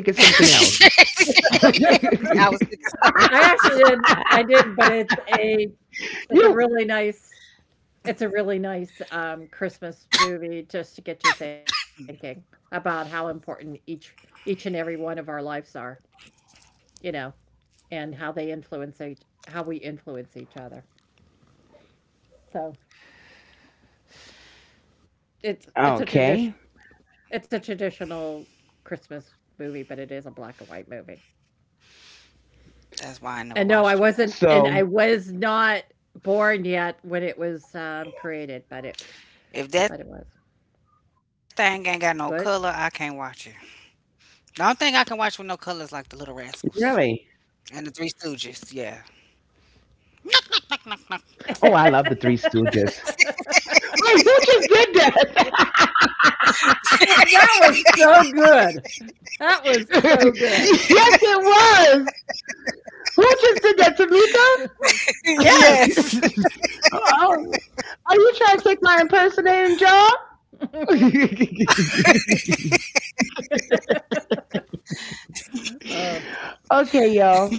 A: You
B: I was sick of
C: I actually
B: those.
C: did. I did, but it's a really nice it's a really nice, Christmas movie just to get you thinking about how important each and every one of our lives are, you know, and how we influence each other. So, it's it's a tradition
A: okay?
C: it's a traditional Christmas movie, but it is a black and white movie. And
B: That's
C: no,
B: why I
C: I
B: never
C: wasn't,
B: watched it.
C: and I
A: So
C: was not born yet when it was, created, but it
B: If
C: was.
B: that thing ain't got no color, I
C: What?
B: can't watch it. The only thing I can watch with no color is like the Little
A: really,
B: Rascals and the Three Stooges. Yeah.
A: oh, I love the Three
C: That
A: Stooges. Wait, who just did that?
C: was so good.
A: Yes,
C: That was so
A: it
C: good.
A: was. Who just did that, Tamika?
B: Yes.
C: Yes.
A: Oh, are you trying to take my impersonating job?
C: Oh,
A: Okay, y'all.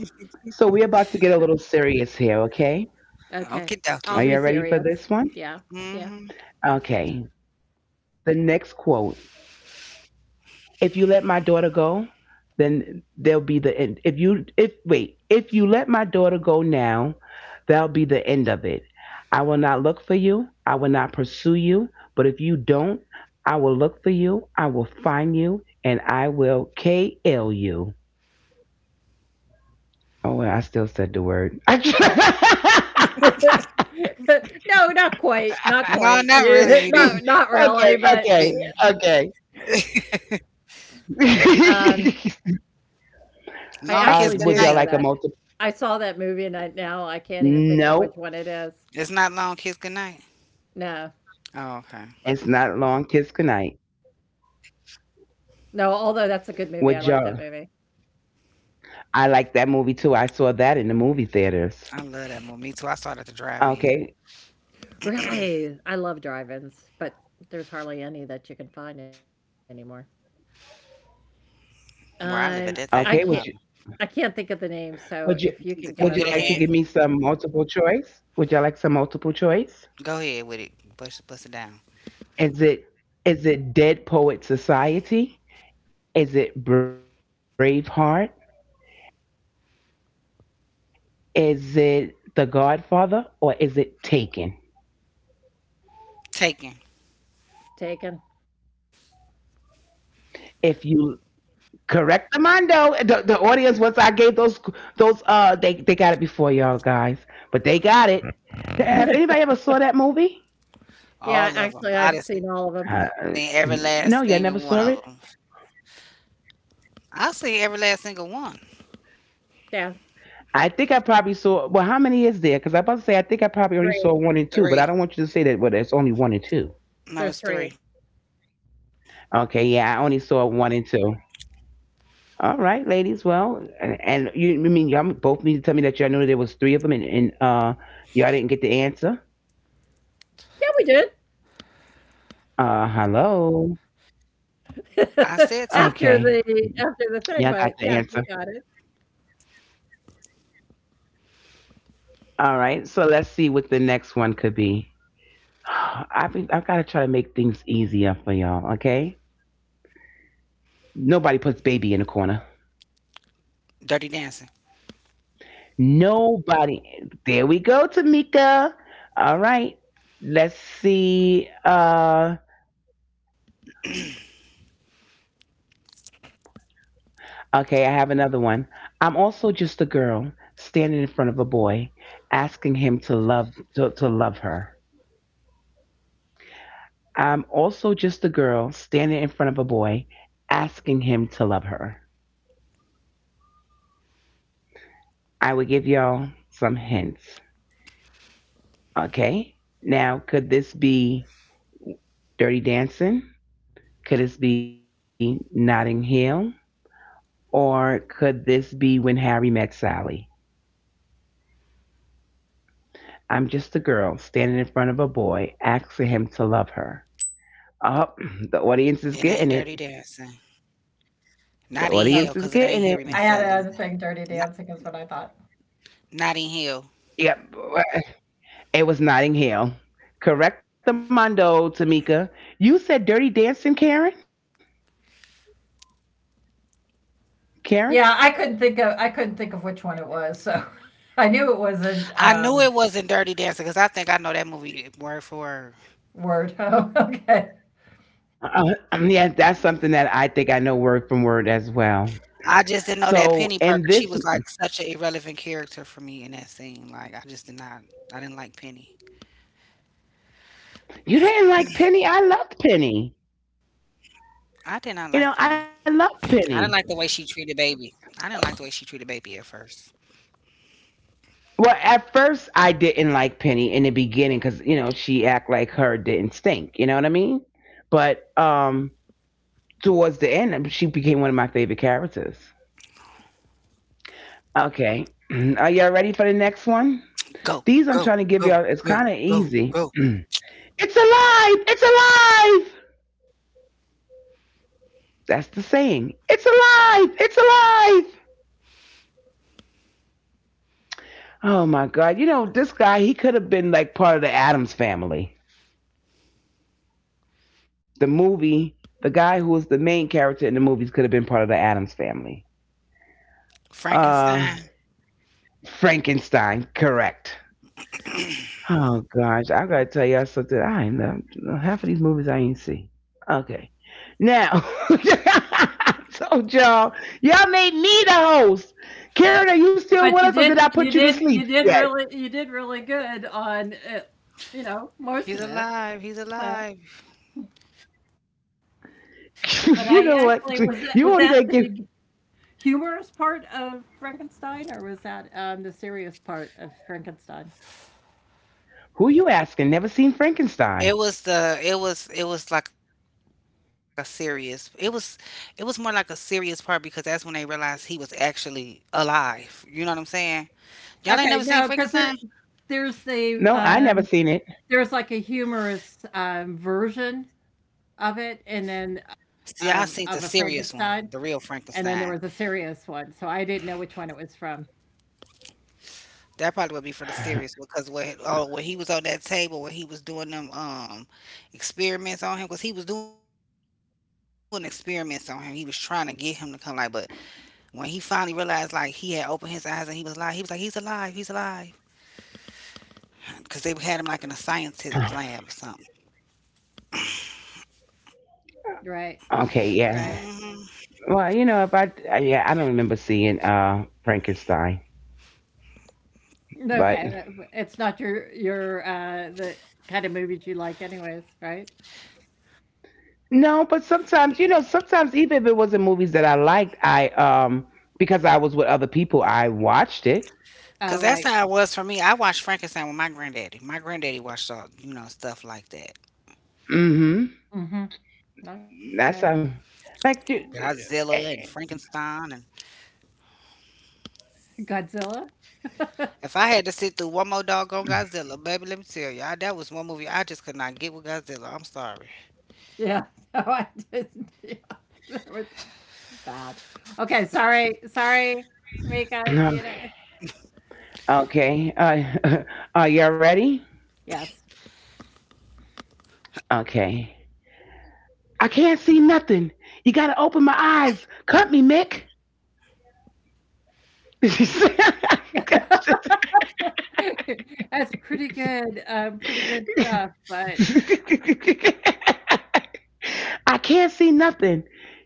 A: So we're about to get a little serious here, okay?
C: okay.
B: Okie
C: I'll
A: Are
B: dokie.
C: be
A: you all ready for
C: serious.
A: this one?
C: Yeah, yeah.
B: Hmm.
A: Okay. The next quote. If you let my daughter go, then there'll be the end. If you if wait, if you let my daughter go now, that'll be the end of it. I will not look for you. I will not pursue you. But if you don't, I will look for you. I will find you and I will KL you. Oh, well, I still said the word. Okay,
C: No, not quite. Not
B: No,
C: quite.
B: not really. You
C: Not,
B: didn't.
C: not really. But
A: okay, okay.
C: um, I
B: Long Kiss
C: actually do
B: Goodnight.
C: know
A: Would y'all
C: that.
A: like a multiple?
C: I saw that movie, and I now I can't even think of which
A: No,
C: one it is.
B: It's not Long Kiss Goodnight.
C: No,
B: Oh, okay.
A: it's not long. Kiss goodnight.
C: no. Although that's a good movie, I like
A: Would
C: that
A: y'all?
C: movie.
A: I like that movie too. I saw that in the movie theaters.
B: I love that movie. Me too. I saw it at the drive-in
A: Okay,
C: Really, I love drive-ins, but there's hardly any that you can find anymore.
B: where I live at. That thing
C: Um,
B: be
C: I
B: popping.
C: can't
A: okay. Would you?
C: I can't think of the name, so
A: Would
C: if you
A: you?
C: can give
B: Can we
C: us
B: get
A: Would
B: a
A: you like
B: hand?
C: a
A: to give me some multiple choice? Would y'all like some multiple choice?
B: Go ahead with it. Bust, bust it down.
A: Is it? Is it Dead Poet Society? Is it Braveheart? Is it The Godfather or is it Taken?
B: Taken.
C: Taken.
A: If you correct the Mondo, the audience once I gave those they got it before y'all guys, but they got it. Have anybody ever saw that movie?
C: Yeah,
A: Uh,
B: All of them.
C: actually,
B: I
C: I've
B: done
C: seen
B: seen
A: no,
C: all
B: every
A: you all
C: of
A: never
B: last
A: saw it.
B: single one of them. I seen every
A: I
B: last
A: think I
B: single
A: probably
B: one.
A: saw. Well, how many is there? Because I am
C: them.
A: about
C: Yeah,
A: to say I think I probably already saw one and two, but I don't want you to say that. Well, there's only one and two.
C: 3.
B: Three.
A: Okay, yeah,
B: No,
A: I
C: There's
B: it's
A: only
C: 3.
B: three.
A: saw one and two. All right, ladies. Well, and you I mean y'all both need to tell me that y'all knew there was three of them, and y'all didn't get the answer.
C: Yeah, we did.
A: Hello.
B: I said
A: Okay,
B: Taken.
A: y'all got the answer.
C: After the thing, but yes, we got it.
A: All right. So let's see what the next one could be. I've got to try to make things easier for y'all. Okay. Nobody puts baby in the corner.
B: Dirty Dancing.
A: Nobody. There we go, Tamika. All right. Let's see. Okay, I have another one. I'm also just a girl standing in front of a boy, asking him to love her. I'm also just a girl standing in front of a boy, asking him to love her. I will give y'all some hints. Okay? Now, could this be Dirty Dancing? Could this be Notting Hill? Or could this be When Harry Met Sally? I'm just a girl standing in front of a boy, asking him to love her.
B: It ain't Dirty
A: Oh, the
B: Dancing.
A: audience is getting it.
B: Not in hell, cause it ain't Harry
A: The
B: Met
A: audience
B: Sally
C: Oh,
A: is
B: either.
A: getting it.
C: I had
B: Not,
C: another thing, Dirty Dancing is what I thought.
B: not in Hell.
A: Yep. It was Notting Hill. Correct the mondo, Tamika. You said Dirty Dancing, Karen? Karen?
C: Yeah, I couldn't think of which one it was, so I knew it wasn't,
B: I knew it wasn't Dirty Dancing, cause I think I know that movie word for word.
C: Word. Oh, okay.
A: Uh, yeah, that's something that I think I know word from word as well.
B: I just didn't know that Penny Parker.
A: So,
B: She
A: and
B: was like
A: this,
B: such an irrelevant character for me in that scene. Like I just did not. I didn't like Penny.
A: you didn't like Penny. I loved Penny.
B: I did not like Penny.
A: You
B: I didn't
A: know,
B: like the
A: I
B: way she
A: loved
B: treated
A: Penny.
B: baby. I didn't like the way she treated baby at first.
A: Well, at first I didn't like Penny in the beginning because you know she act like her didn't stink. You know what I mean? But towards the end, she became one of my favorite characters. Okay. Are y'all ready for the next one?
B: Go,
A: These I'm
B: go,
A: trying to give
B: go,
A: y'all, it's
B: go,
A: kind of
B: go,
A: easy.
B: go.
A: It's alive! It's alive! That's the saying. It's alive! It's alive! Oh my God. You know, this guy, he could have been like part of the Adams Family. The movie, the guy who was the main character in the movies could have been part of the Adams Family. Uh,
B: Frankenstein.
A: Frankenstein, correct. Oh gosh, I gotta tell y'all something. I ain't half of these movies I ain't see. Okay, now I told y'all, y'all made me the host. Karen, are you still with
C: But
A: us,
C: you
A: or did I
C: did
A: put you
C: you
A: to
C: did
A: sleep yet?
C: you did really good on it, you know, most
B: He's
C: of it.
B: alive. He's
C: So,
B: alive.
C: but
A: You know
C: I
A: what?
C: actually
A: You
C: was
A: already gonna
C: that
A: give.
C: the humorous part of Frankenstein or was that, the serious part of Frankenstein?
A: Who you asking? Never seen Frankenstein?
B: It was like a serious, it was more like a serious part, because that's when they realized he was actually alive. You know what I'm saying? Y'all ain't never seen
C: Okay,
B: Frankenstein?
C: no, because there's
A: No, I never seen it.
C: there's like a humorous, version of it
B: See, I
C: and
B: seen the
C: then
B: serious
C: of
B: one,
C: a
B: the real
C: Frankenstein,
B: Frankenstein.
C: and then there was a serious one, so I didn't know which one it was from.
B: That probably would be for the series, because where he was on that table where he was doing them experiments on him. Because he was doing experiments on him, he was trying to get him to come like. But when he finally realized, like, he had opened his eyes and he was alive, he was like, he's alive, he's alive, because they had him like in a scientist lab or something.
C: Right,
B: mm
C: right.
A: Okay, yeah. Well, you know, if I yeah, I don't remember seeing Frankenstein, but.
C: Okay, that it's not the kind of movies you like anyways, right?
A: No, but sometimes even if it wasn't movies that I liked, I because I was with other people, I watched it.
B: because
C: Oh,
B: that's
C: right.
B: how it was for me. I watched Frankenstein with my granddaddy. My granddaddy watched all, you know, stuff like that.
A: hmm
C: Mhm. Okay.
A: That's like
B: Godzilla and Frankenstein.
C: Godzilla?
B: If I had to sit through one more doggone Godzilla, baby, let me tell you, that was one movie I just could not get with Godzilla. I'm sorry.
C: Yeah. No, I didn't. Yeah. That was bad. Okay, sorry. Sorry, Tamika, do you know?
A: Okay. Are y'all ready?
C: Yes.
A: Okay. I can't see nothing. You gotta open my eyes. Cut me, Mick.
C: That's pretty good, pretty good stuff, but
A: I can't see nothing.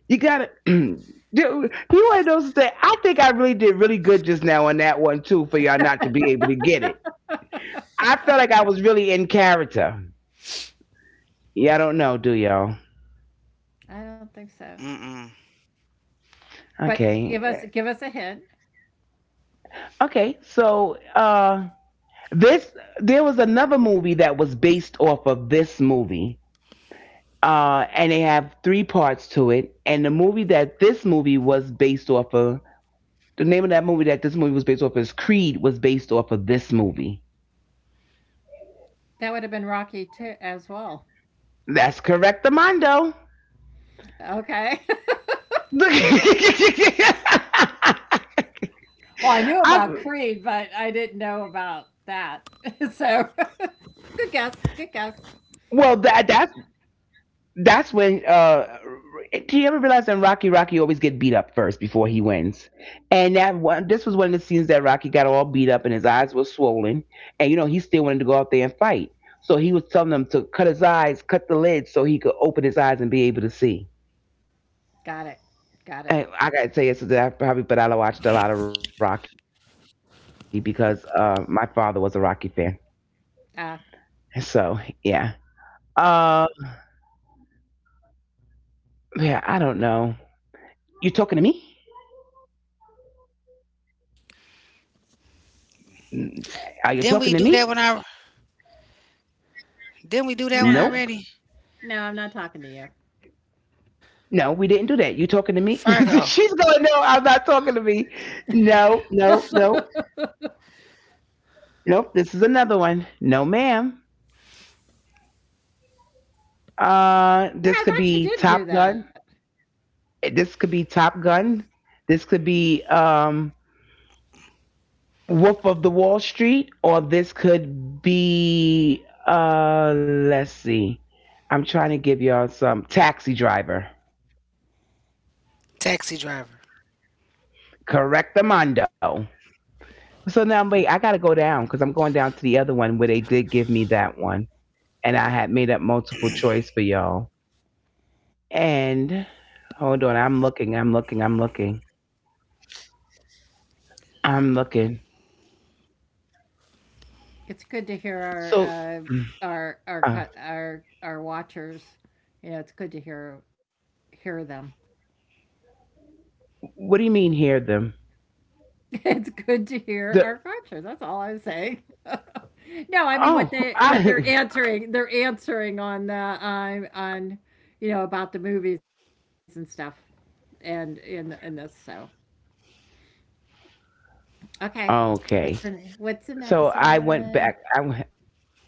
A: You gotta. You He wanted those things. I think I really did really good just now on that one too, for y'all not to be able to get it. I felt like I was really in character. Yeah, I don't know, do y'all?
B: Mm-mm.
C: I don't think so. But
A: Okay,
C: give us a hint.
A: okay. So this there was another movie that was based off of this movie, and they have three parts to it. And the movie that this movie was based off of, the name of that movie that this movie was based off of is Creed, was based off of this movie.
C: That would have been Rocky too as well.
A: That's correct, Amando.
C: Okay. Well, I knew about
A: I,
C: Creed, but I didn't know about that. So, good guess. Good guess.
A: well, that's when. Do you ever realize that Rocky always get beat up first before he wins? And that one, this was one of the scenes that Rocky got all beat up and his eyes were swollen, and you know he still wanted to go out there and fight. So he was telling them to cut his eyes, cut the lid, so he could open his eyes and be able to see.
C: Got it. Got it.
A: And I gotta tell you, so that I probably, but I watched a lot of Rocky because my father was a Rocky fan. So
C: Uh,
A: yeah. Uh, yeah. I don't know. You talking to me? N- Are you talking to me?
B: Didn't we do that when I? Didn't we do
A: Nope.
B: that one
C: no,
B: already?
C: no, I'm not talking to you.
A: No, we didn't do that. You
B: Fargo,
A: talking to me? She's going. No, I'm not talking to me. No, no, no, nope. This is another one. No, ma'am. This
C: Yeah,
A: could
C: I thought
A: be
C: you did
A: Top
C: do that.
A: Gun. This could be Top Gun. This could be Wolf of the Wall Street, or this could be, let's see. I'm trying to give y'all some Taxi Driver.
B: Taxi Driver.
A: Correct the mondo. So now, wait, I got to go down because I'm going down to the other one where they did give me that one. And I had made up multiple choice for y'all. And hold on, I'm looking.
C: It's good to hear
A: So, mm,
C: our
A: uh,
C: cut our watchers. It's good to hear them.
A: what do you mean hear them?
C: It's good to hear
A: The,
C: our cultures. That's all I'm saying. No, I mean
A: oh,
C: what
A: I,
C: they're answering. They're answering on the on you know about the movies, and stuff, and in this. So okay,
A: okay. So
C: what's the
A: I
C: next
A: went back.
C: one?
A: I went down.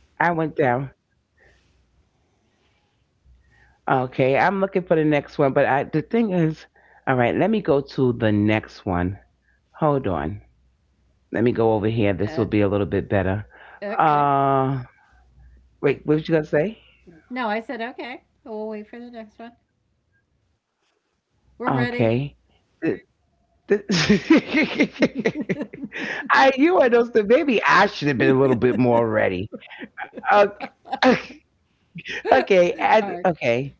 A: Okay, I'm looking for the next one, but I the thing is, all right, let me go to the next one. Hold on. Let me go over here. This will
C: Uh,
A: be a little bit better.
C: okay.
A: Uh, Wait, what was you gonna say?
C: No, I said okay. We'll wait for the next one. We're ready.
A: Okay. Th- th- I you are those. Maybe I should have
C: All
A: been a little bit more ready. Okay.
C: right.
A: Okay.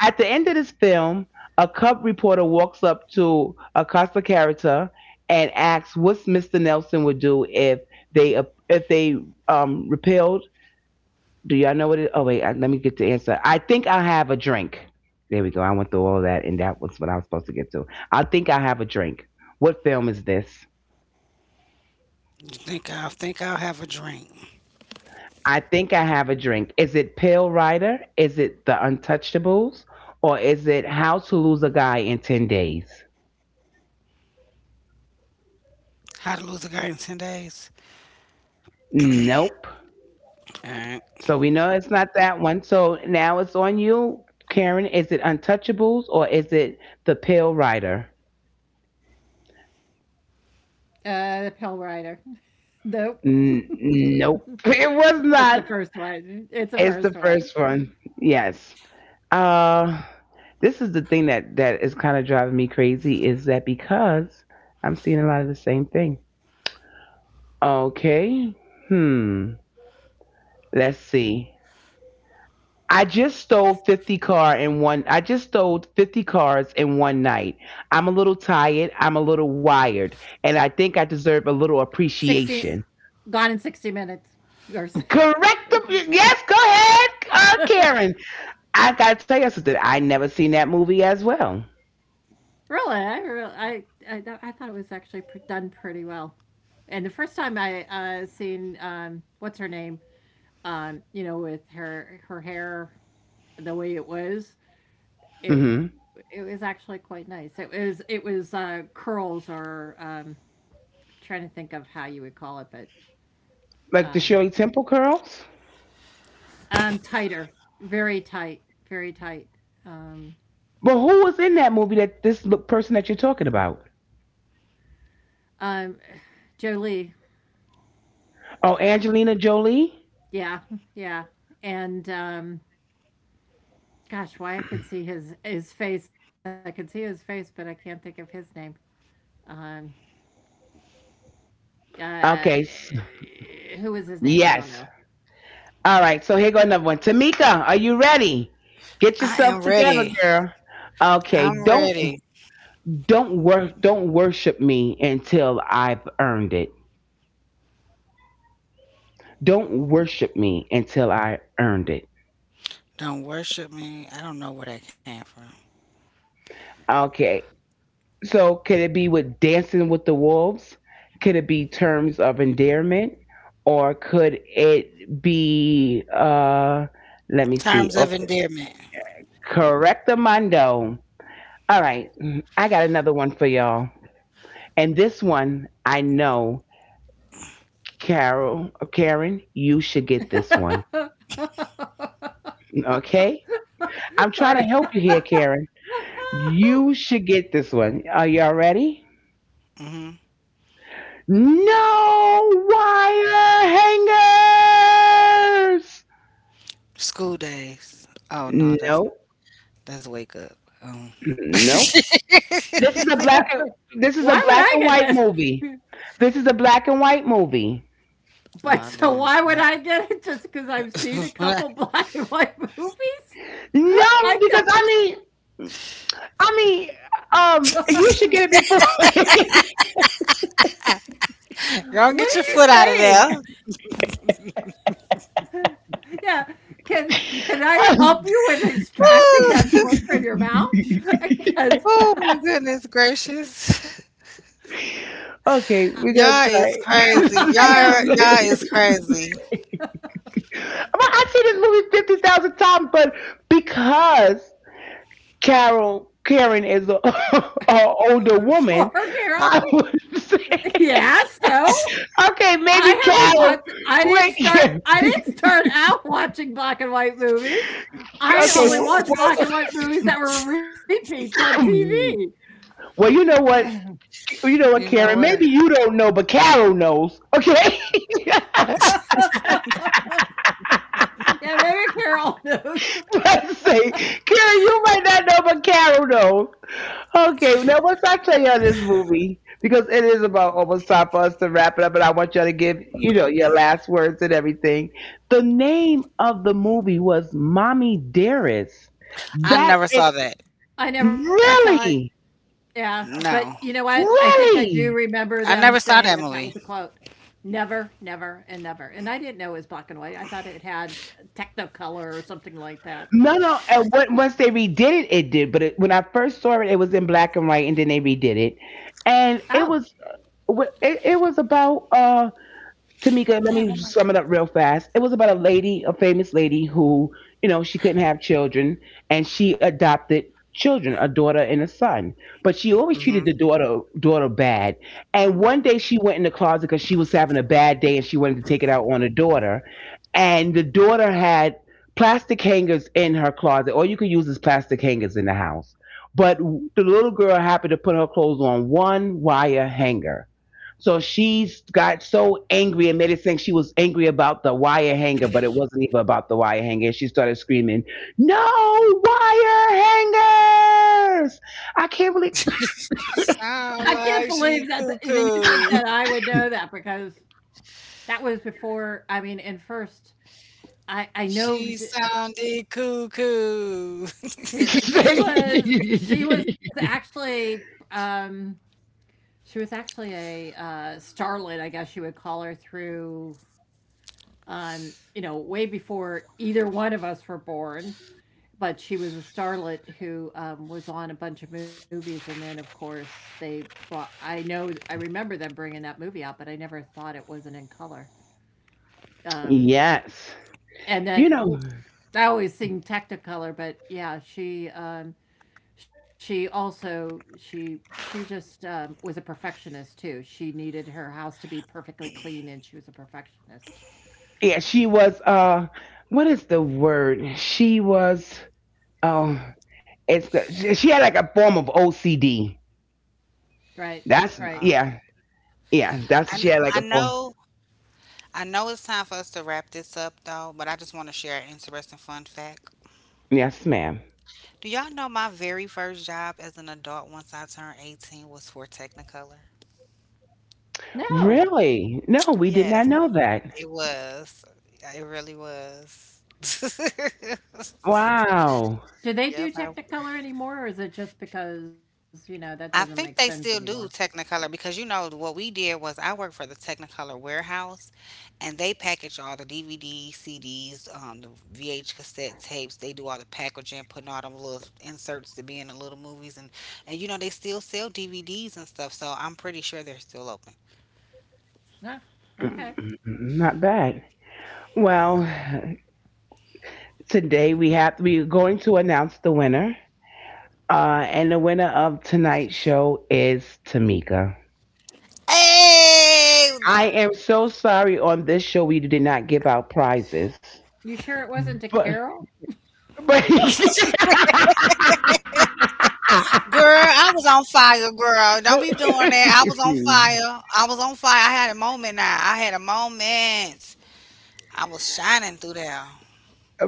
A: At the end of this film, a cub reporter walks up to Acosta character and asks what's Mr. Nelson would do if they repelled. Do y'all know what it? Oh wait, let me get the answer. I think I'll have a drink. There we go. I went through all that, and that was what I was supposed to get to. I think I'll have a drink. What film is this?
B: You think I'll have a drink?
A: I think I have a drink. Is it Pale Rider? Is it The Untouchables? Or is it How to Lose a Guy in 10 Days?
B: How to Lose a Guy in 10 Days?
A: Nope.
B: All right.
A: So we know it's not that one. So now it's on you, Karen. Is it Untouchables or is it The Pale Rider?
C: The Pill Rider. Nope.
A: Nope. It was
C: It's the
A: not.
C: first one. It's the
A: It's
C: first
A: the
C: one.
A: first one. Yes. Uh, this is the thing that is kind of driving me crazy is that because I'm seeing a lot of the same thing? Okay. Hmm. Let's see. I just stole 50 cars in one night. I'm a little tired, I'm a little wired, and I think I deserve a little
C: 16,
A: appreciation.
C: Gone in 60 minutes or s-
A: Correct the Yes, go
C: Really,
A: ahead, Karen. I got to tell you something. I never seen that movie as well.
C: I really, I, I thought it was actually pr done pretty well. And the first time I seen what's her name, with her hair the way it was,
A: Mhm.
C: it was actually quite nice. It was curls or trying to think of how you would call it, but
A: Like the Shirley
C: um,
A: Temple girls?
C: tighter, very tight, very tight. Um,
A: But who was in that movie that person that you're talking about?
C: um, Jolie.
A: Oh, Angelina Jolie?
C: Yeah, yeah. And gosh, why I can see his face. I can see his face, but I can't think of his name. Um uh
A: Okay. s-
C: who is his name? I don't
A: Yes.
C: know.
A: All right, so here go another one. Tamika, are you ready? Get
B: I
A: yourself
B: am
A: together,
B: ready.
A: girl. Okay,
B: I'm ready.
A: don't worship me until I've earned it. Don't worship me until I earned it.
B: Don't worship me. I don't know where that came from.
A: Okay. So could it be with dancing with the wolves? Could it be terms of endearment? Or could it be let me see.
B: Terms of
A: Okay.
B: endearment.
A: Correctamundo. All right. I got another one for y'all. And this one, I know, Carol, or Karen, you should get this one. Okay? I'm trying to
C: Sorry.
A: help you here, Karen. You should get this one. Are y'all ready?
B: Hmm.
A: No wire hangers.
B: School days. Oh no,
A: No,
B: that's wake up.
A: no. This is a black. And, this is
C: Why
A: a
C: would
A: black
C: I
A: and
C: get
A: white
C: that?
A: movie. This is a black and white movie.
C: But
B: Oh
C: so
B: damn!
C: why would I get it just because I've seen a couple black and white movies?
A: No,
C: I
A: because
C: don't.
A: I mean, you should get it before.
B: Don't
C: What
B: get your
C: are you
B: foot out of
C: saying?
B: there.
C: Yeah. Can I help you with extracting
B: Woo!
C: that foot from your mouth? Because
B: Oh my goodness gracious.
A: Okay, we're gonna
B: Y'all is
A: try.
B: crazy.
C: I
B: Y'all
C: am
B: y'all is crazy.
A: I've seen this movie 50,000 times, but because Carol Karen is a, a older
C: poor
A: woman,
C: girl.
A: I would say
C: Yeah, so
A: okay,
C: I
A: maybe
C: haven't watched
A: Carol.
C: I didn't
A: Wait,
C: start
A: yeah,
C: I didn't start out watching black and white movies. I
A: okay,
C: only watched black
A: well,
C: and white movies that were repeats on TV.
A: well, you know
B: you
A: what,
B: know
A: Karen.
B: what?
A: Maybe you don't know, but Carol knows. Okay, I
C: Yeah, maybe Carol knows.
A: was about to say, Karen, you might not know, but Carol knows. Okay, now what's I tell y'all this movie? Because it is about almost time for us to wrap it up, and I want y'all to give, you know, your last words and everything. The name of the movie was Mommy Dearest.
B: I
A: That
B: never
A: is
B: saw that.
C: I never saw it.
A: really,
C: Yeah, but
B: No.
C: you know what? I think I do
A: really.
C: remember
B: I
C: them
B: never saw
C: saying
B: that
C: that that was a
B: movie.
C: quote. Never, never, and never. And I didn't know it was black and white. I thought it had Technicolor or something like that.
A: No, no. And when, once they redid it, it did. But it, when I first saw it, it was in black and white, and then they redid it, and
C: Oh,
A: it, it was about Tamika, let
B: Damn, what
A: me
B: my.
A: just sum it up real fast. It was about a lady, a famous lady who, you know, she couldn't have children and she adopted children, a daughter and a son. But she always
B: Mm-hmm.
A: treated the daughter bad. And one day she went in the closet because she was having a bad day and she wanted to take it out on the daughter. And the daughter had plastic hangers in her closet. All you could use is plastic hangers in the house. But the little girl happened to put her clothes on one wire hanger so she's got so angry and made it think she was angry about the wire hanger, but it wasn't even about the wire hanger. She started screaming, no wire hangers! I can't believe.
C: I
B: Sound
C: can't
B: like
C: believe
B: she
C: that that you think that
B: cuckoo.
C: I would know that because that was before. I mean, and first, I know
B: She sounded cuckoo.
C: she she was she was actually um she was actually a starlet, I guess you would call her through way before either one of us were born. But she was a starlet who was on a bunch of movies, and then of course they brought. I know I remember them bringing that movie out, but I never thought it wasn't in color. Um,
A: Yes.
C: and then
A: You know,
C: oh, I always seen Technicolor, but yeah, she also she just was a perfectionist too. She needed her house to be perfectly clean, and she was a perfectionist.
A: yeah, she was, what is the word? She was, oh, it's, she had like a form of OCD.
C: Right, right.
A: That's,
B: Wow.
A: yeah, yeah, that's, she had like a
B: I
A: form.
B: know. I know it's time for us to wrap this up, though, but I just want to share an interesting fun fact.
A: Yes, ma'am.
B: Do y'all know my very first job as an adult once I turned 18 was for Technicolor?
C: No,
A: Really? No, we did not
B: Yes,
A: know that.
B: it was. It really was.
A: Wow.
C: do they do
B: Yep. I
C: Technicolor anymore, or is it just because you know that doesn't
B: I
C: make
B: think
C: sense
B: they still
C: anymore?
B: do Technicolor, because you know what we did was I worked for the Technicolor warehouse, and they package all the DVD, CDs, the VH cassette tapes. They do all the packaging, putting all them little inserts to be in the little movies. And you know they still sell DVDs and stuff. So I'm pretty sure they're still open.
C: No. Okay.
A: Not bad. Well, today we have we're going to announce the winner. And the winner of tonight's show is Tamika.
B: Hey,
A: I am so sorry on this show we did not give out prizes.
C: You sure it wasn't a
A: But
C: Carol?
A: but
B: girl, I was on fire, girl. Don't be doing that. I was on fire. I was on fire. I had a moment now. I had a moment. I was shining through there.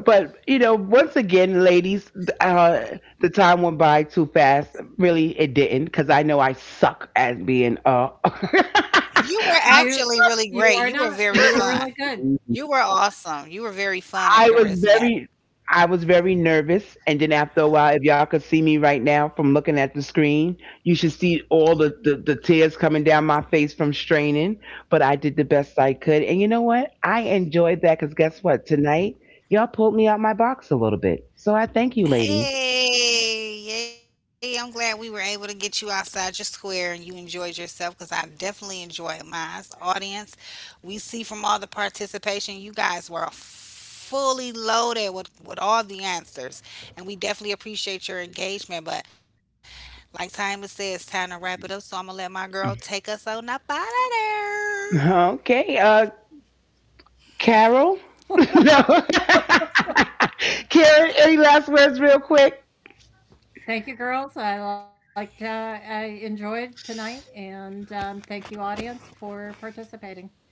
A: but you know, once again, ladies, uh, the time went by too fast. Really, it didn't, because I know I suck at being.
B: You were
C: You
B: actually really
C: you are
B: great. You were
C: not. You
B: very
C: were really
B: fun.
C: good.
B: You were awesome. You were very fun and
A: I
C: Yeah.
A: was
B: charismatic.
A: very, I was very nervous, and then after a while, if y'all could see me right now from looking at the screen, you should see all the the tears coming down my face from straining. But I did the best I could, and you know what? I enjoyed that because guess what? Tonight, y'all pulled me out my box a little bit, so I thank you, ladies.
B: Hey, yay. I'm glad we were able to get you outside your square and you enjoyed yourself, because I definitely enjoyed mine. Audience, we see from all the participation, you guys were fully loaded with all the answers. And we definitely appreciate your engagement. But like Timer said, it's time to wrap it up. So I'm going to let my girl take us on up out of there.
A: Okay, Carol? No. Carrie, any last words real quick?
C: Thank you, girls. I liked. I enjoyed tonight, and thank you, audience, for participating.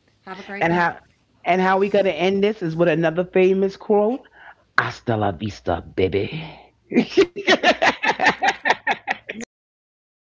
C: Have a great
A: And
C: night.
A: how and how we gonna end this is with another famous quote. Hasta la vista, baby.
B: No, no, I got one last thing.